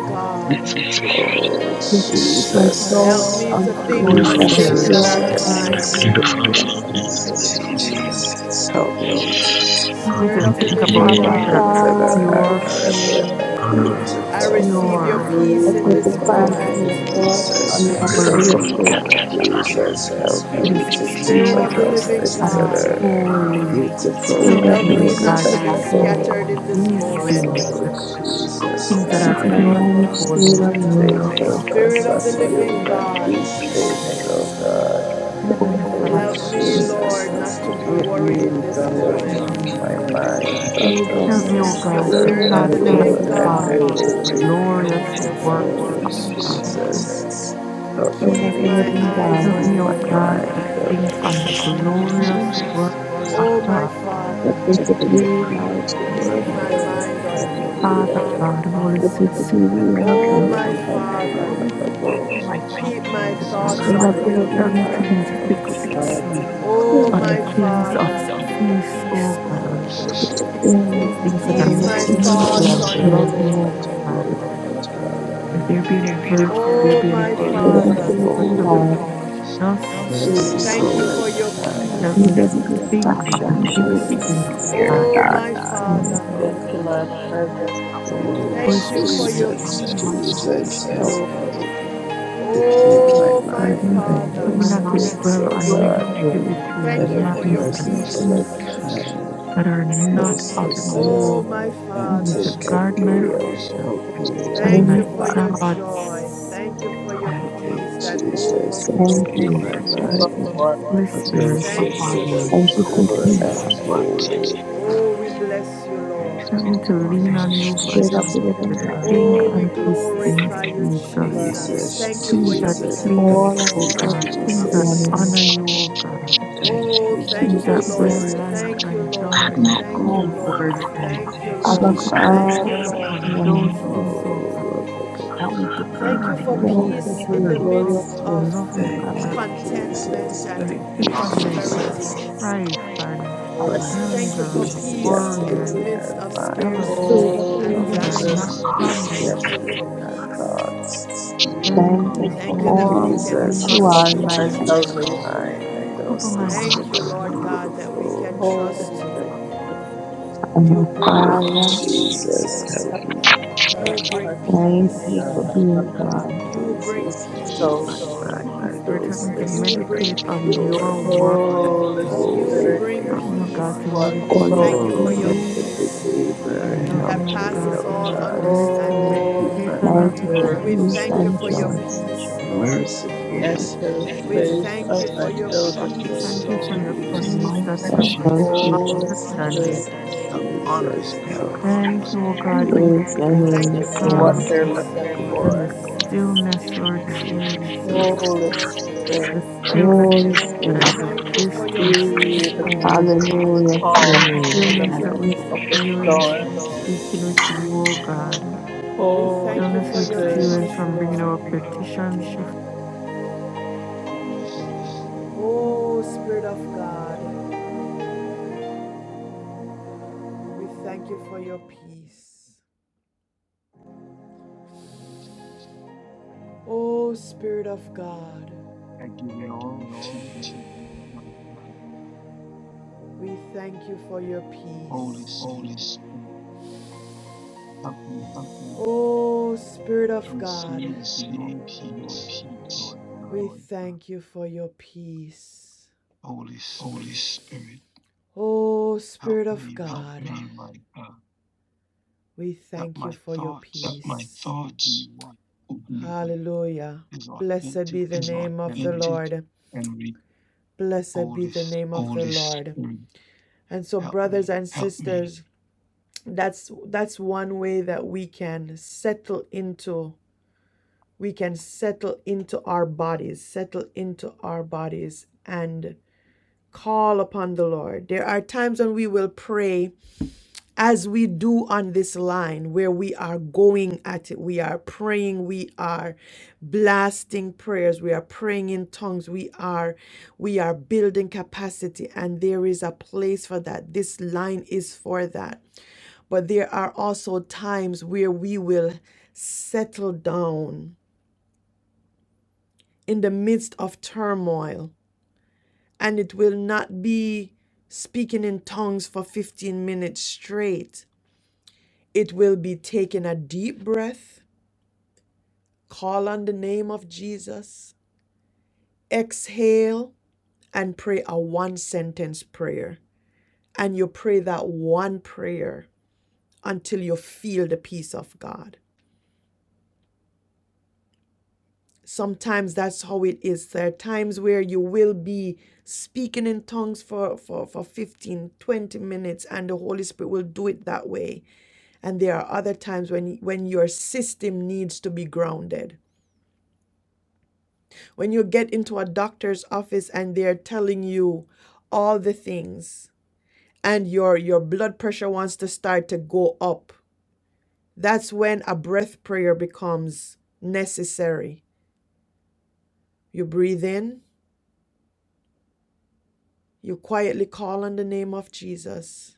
This God, spirit, what is back Oh, in help my me to merciful, keep my thankfulness. Jesus, God. thoughts help me on to think help me to Holy things on that are things focus that Spirit. on pure are things Jesus, that and are kind. beautiful peaceful. and it's Jesus, help me to keep my Help me Spirit to of mind the authentic think and living about Abba, things that real, are things God, that are Father, Need pure, to this think admirable on morning, the and things that honorable, are I beautiful. Help receive me your pure, to see peace help in me on to this things that Oh, pure, I'm fasten glorious. moment. your doing, thoughts on the Jesus, holy. merciful, glorious and work kind. of Jesus, help It me is to keep Spirit of on pure the those living things that and are God, holy. the beautiful Help Spirit are of the help and the me, me not living God, to to Holy God. be back Spirit. in my think respectful. scattered on in this these glorious things, Oh, moment. work. the Jesus, Help things that Keep help are me me, my pure and my to mind God stayed holy. on and you, my stay Lord Lord. God. Help Spirit focused of on the living you Please and me, God, these things, oh God. Heavenly Oh, Holy help Father, me, Spirit, Jesus, Lord, help not to be me Think worried on the in Lord. Thank this God. things, to my settle my God, keep moment. that my mind. you Hallelujah. know, mind on remove Help every those me, O things that God, to worry are Spirit and Let of the cast it my fear pure birds living this and it and thoughts morning. God, on works. the You holy. come Jesus, glorious with a you, band. works Oh, my of God. Help my Jesus, help Spirit of keep the me my living Hallelujah. to God. eyes keep on me, O my God, to mind you. on think on those the peaceful mind is Speak just glorious Lord. works sight of of Oh, God. my God. Help Father, me to to me, breathe please. out the keep word. my me, authentic mind and on you. please, Father, real God, Holy Help me Spirit, to be real and Oh, open. oh, my Slowly, and slowly, Father, help Think me on the honorable. fasten things that my are thoughts keep on my you, God peaceful. thoughts Spirit Oh, Almighty. of and the on Jesus, living help me to you. God. be help me fixed to. God, I keep Mm, follow. my Hear Oh, my on the my things prayer. of Hallelujah. Father, peace, O Let Holy it God, that birds Spirit, and This it are works. morning, You things that God, I come keep are with let my your tell man to beautiful, peaceful thoughts my help and me on to pain. think you. loving, O a God. praise thankful, O band. God, the If Lord. there be any of You virtue, God there Oh, be any my for transcends Spirit praise, of or the Father, living all whatever, unholy, human God. understanding. just thank merciful, you Hallelujah. for and your help kind. Remove me to every think on distraction peace. and Hallelujah. these every Oh, things, Holy help fear, God. me Spirit, Oh, this God. my This morning, morning, Come O Father, God. into my presence. help me to Oh, think Holy Spirit, on thank you the for things My that your Jesus, are Father, my pure, peace. God, Jesus, help Oh, me Oh, to keep my Hallelujah. my and mind on even keep Help me my Father, those not to mind things, dwell oh pure on God, and holy. negativity that thank you and are for that and are your malice to and thank peace. just. merciful and things kind, that are you. not those of things that are Oh, you. my Help me to authentic Father, and guard my heart real. release Help me, and thank O my you Heavenly for Father, your Think joy. thoughts. on the Thank things you for your Help that are peace me, that Jesus. overflows. thank me Keep you. my praiseworthy, from Thank mind you. what Holy on Spirit, those Abba Thank things you, that are Father, Thank things that you for are pure Jesus. Focus peace. and on holy. Oh, we bless you, Lord. things that help are me to lean Oh, on honest. you for keep Jesus, Spirit of my help the mind to living on things God. that think are Oh, we on you these things, glorify you, direct. Jesus. Holy Jesus. Jesus, Thank you Spirit, for Things your that Jesus. peace. Thank please you, All our O you, prayers God. this help Things that Jesus. me morning. honor you, O God. Thank Oh, you, Things thank you, that Lord. Think Jesus. bring life on Thank you, and the joy Lord. things, and Thank admirable. you, full, peace. Lord. Lord. Thank Thank you, Help Abba me Lord. you, to be Jesus. Thank you, Father, this focused strengthens on Lord. those morning, all things, O Oh, God. human Lord, Help me to think Help Thank me to you on be for things that thank focused are you peace for in your the true. on love, midst glorious things of of works, God. loving O Thank God. others, you, Jesus. contentment not Thank you, and God, bitterness my and Jesus. heart prosperity. strife and Help Father, us and not Thank to you my anger for be and peace. peace worry in scattered the and in midst our of mind. jealousy Spirit and of scarcity the Holy Help things and that living Holy are us not to Spirit not God, Spirit, be from lack. you. oh Thank you scattered for in our peace. thoughts. be to Burn think thank them up on you thank the Hallelujah. this you for for Thank you that things morning we all in fixing that me. the that can Jesus, name of you trust help of are in me you, my to my strengthens keep life. my Almighty. salvation. all mind and human cover those my things heart, that Thank you, are understanding. Lord God. God, that we beautiful can and Holy trust Hallelujah. respectful. Spirit, you Abba bring Oh, Father, peace. Jesus, help come to me, help my You Oh, bring heart. Come thank to you into for my peace. being mind. me, God. You bring To my Jesus, peace. to You keep bring shift my soul. my mind Holy mind and Spirit, help those me to peace. things You that are meditate on your pure, into a word. place Holy that holy. Spirit, bring Help me, oh God, to peace, glorifies Lord. watch you, We O meditate Holy Lord on thank over you Oh, for me. your Spirit, blessed you. peace Redeemer, Help Amen. Hallelujah. that me, help oh me, God, passes oh give me all the God, grace to understanding. keep Holy meditate my mind on on your thank you for word. Spirit, Jesus. We those peace thank you and things for that your joy. peace, are Oh, Lord. God. merciful and enter the We kind. space thank of you my To for be your children. Oh, peace, Thank saturated you for in Thank Lord. your you the for the Jesus, things, peace that mindset my shift. Thank surpasses God, all you, Holy Jesus. Spirit. understanding. that honors Jesus, God help Thank you, O God, lead even I Praise your We for and search name thank you this for glorify for your what calm morning. peace. they're looking me. and the for. stillness, Lord Oh, Jesus. Holy Spirit, The stillness Holy We that Spirit, God Lord. thank you for exists your in be talking the to peace, you. Lord. hallelujah to your Thank calm you for name. in the Stillness that my we midst of the by experience storm. thinking from speaking with God you, O God. We but thank Holy to you be Stillness we for your Spirit, stable peace, experience to from bringing Lord our God. petitions before. Lord. Holy Spirit, Oh, Spirit of God, thank you for your we favor, thank you for O your Lord God. peace. Holy Spirit, Oh, Spirit of God, I give it all to you, my God. we thank you for your Holy peace. Holy Spirit, Spirit, help me Oh, Spirit of to God, receive your peace, Lord God. we thank you for your peace. Holy Holy Spirit, Spirit. Oh, help Spirit of me, my God, help God, me, my God. We that thank you my for your peace. thoughts that my peace. will be thoughts what would be Hallelujah. is Blessed authentic be the name of the and real. Lord. Blessed be Holy the name of the Spirit, Lord. And so, help brothers me. and sisters, that's that's one way that we can settle into we can settle into our bodies, settle into our bodies and call upon the Lord. There are times when we will pray as we do on this line where we are going at it, we are praying, we are blasting prayers, we are praying in tongues, we are we are building capacity and there is a place for that. This line is for that. But there are also times where we will settle down in the midst of turmoil and it will not be speaking in tongues for 15 minutes straight It will be taking a deep breath, call on the name of Jesus, exhale, and pray a one sentence prayer. And you pray that one prayer until you feel the peace of God. Sometimes that's how it is. There are times where you will be speaking in tongues for, for, for 15, 20 minutes, and the Holy Spirit will do it that way. And there are other times when, when your system needs to be grounded When you get into a doctor's office and they're telling you all the things and your your blood pressure wants to start to go up, that's when a breath prayer becomes necessary. You breathe in, you quietly call on the name of Jesus.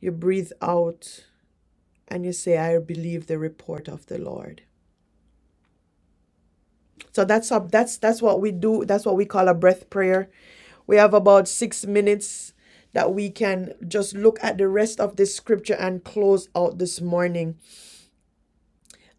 You breathe out and you say I believe the report of the Lord. So that's up. That's that's what we do. That's what we call a breath prayer. We have about six minutes that we can just look at the rest of this scripture and close out this morning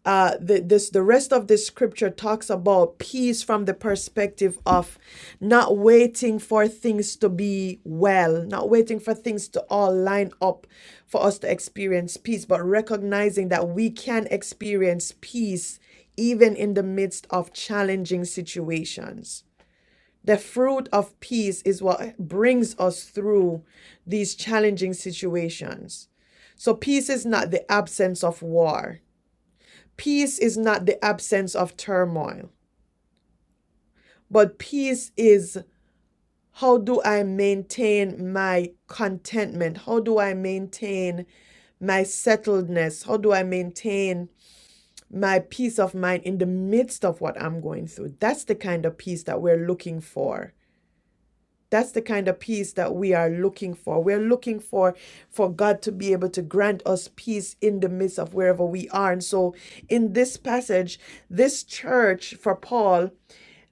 uh, the, this the rest of this scripture talks about peace from the perspective of not waiting for things to be well, not waiting for things to all line up for us to experience peace, but recognizing that we can experience peace even in the midst of challenging situations. The fruit of peace is what brings us through these challenging situations. So, peace is not the absence of war Peace is not the absence of turmoil, but peace is how do I maintain my contentment? How do I maintain my settledness? How do I maintain my peace of mind in the midst of what I'm going through? That's the kind of peace that we're looking for. That's the kind of peace that we are looking for. We're looking for for God to be able to grant us peace in the midst of wherever we are. And so in this passage, this church for Paul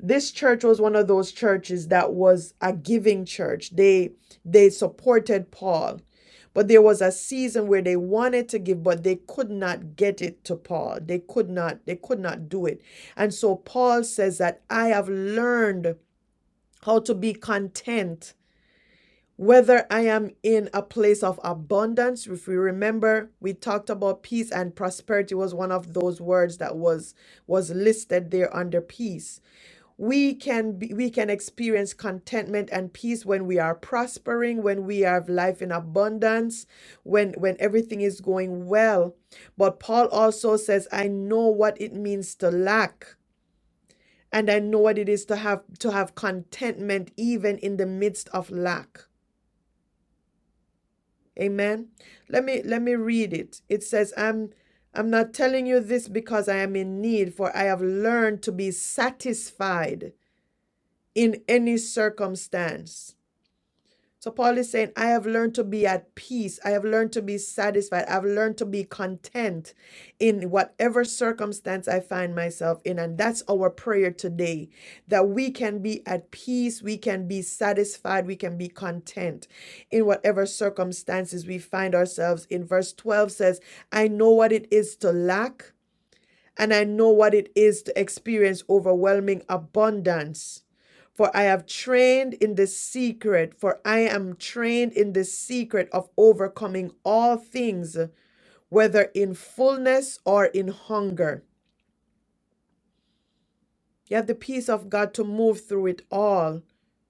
this church was one of those churches that was a giving church they they supported paul but there was a season where they wanted to give but they could not get it to paul they could not they could not do it and so paul says that i have learned how to be content whether i am in a place of abundance if we remember we talked about peace and prosperity was one of those words that was was listed there under peace we can be, we can experience contentment and peace when we are prospering when we have life in abundance when when everything is going well but paul also says i know what it means to lack and i know what it is to have to have contentment even in the midst of lack amen let me let me read it it says i'm i'm not telling you this because i am in need for i have learned to be satisfied in any circumstance So Paul is saying, I have learned to be at peace. I have learned to be satisfied. I've learned to be content in whatever circumstance I find myself in. And that's our prayer today that we can be at peace, we can be satisfied, we can be content in whatever circumstances we find ourselves in. Verse 12 says, I know what it is to lack and I know what it is to experience overwhelming abundance. For I have trained in the secret, for I am trained in the secret of overcoming all things, whether in fullness or in hunger. You have the peace of God to move through it all,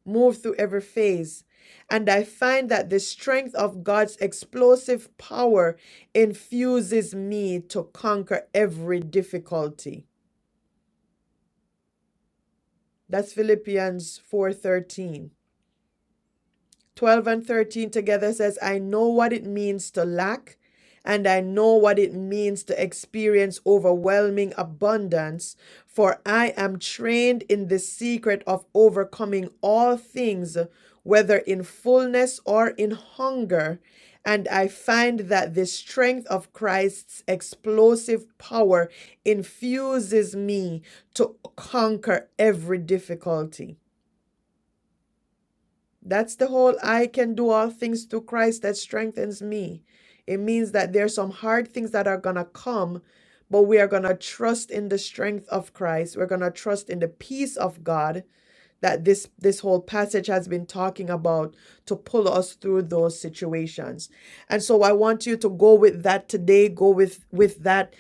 move through every phase. And I find that the strength of God's explosive power infuses me to conquer every difficulty. That's Philippians 4:13. 12 and 13 together says, "I know what it means to lack, and I know what it means to experience overwhelming abundance, for I am trained in the secret of overcoming all things, whether in fullness or in hunger." And I find that the strength of Christ's explosive power infuses me to conquer every difficulty. That's the whole I can do all things through Christ that strengthens me. It means that there's some hard things that are going to come, but we are going to trust in the strength of Christ. We're going to trust in the peace of God that this this whole passage has been talking about to pull us through those situations. And so I want you to go with that today, go with with that.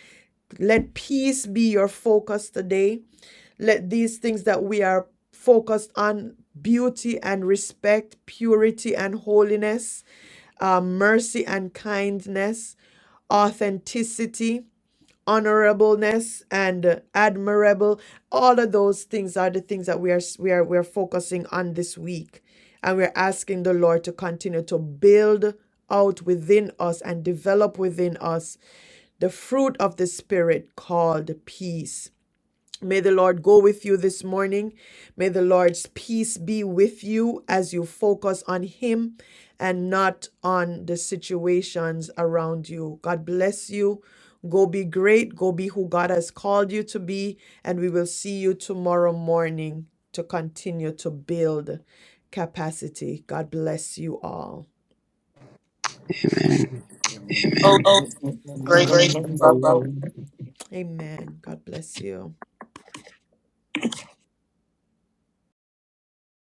Let peace be your focus today let these things that we are focused on beauty and respect, purity and holiness, uh, mercy and kindness, authenticity, honorableness and admirable. All of those things are the things that we are we are we're focusing on this week. And we're asking the Lord to continue to build out within us and develop within us the fruit of the Spirit called peace May the Lord go with you this morning. May the Lord's peace be with you as you focus on Him and not on the situations around you. God bless you. Go be great. Go be who God has called you to be. And we will see you tomorrow morning to continue to build capacity. God bless you all. Amen. Amen. oh Oh, Shalom, gracious grace, shalom. Amen. God bless you.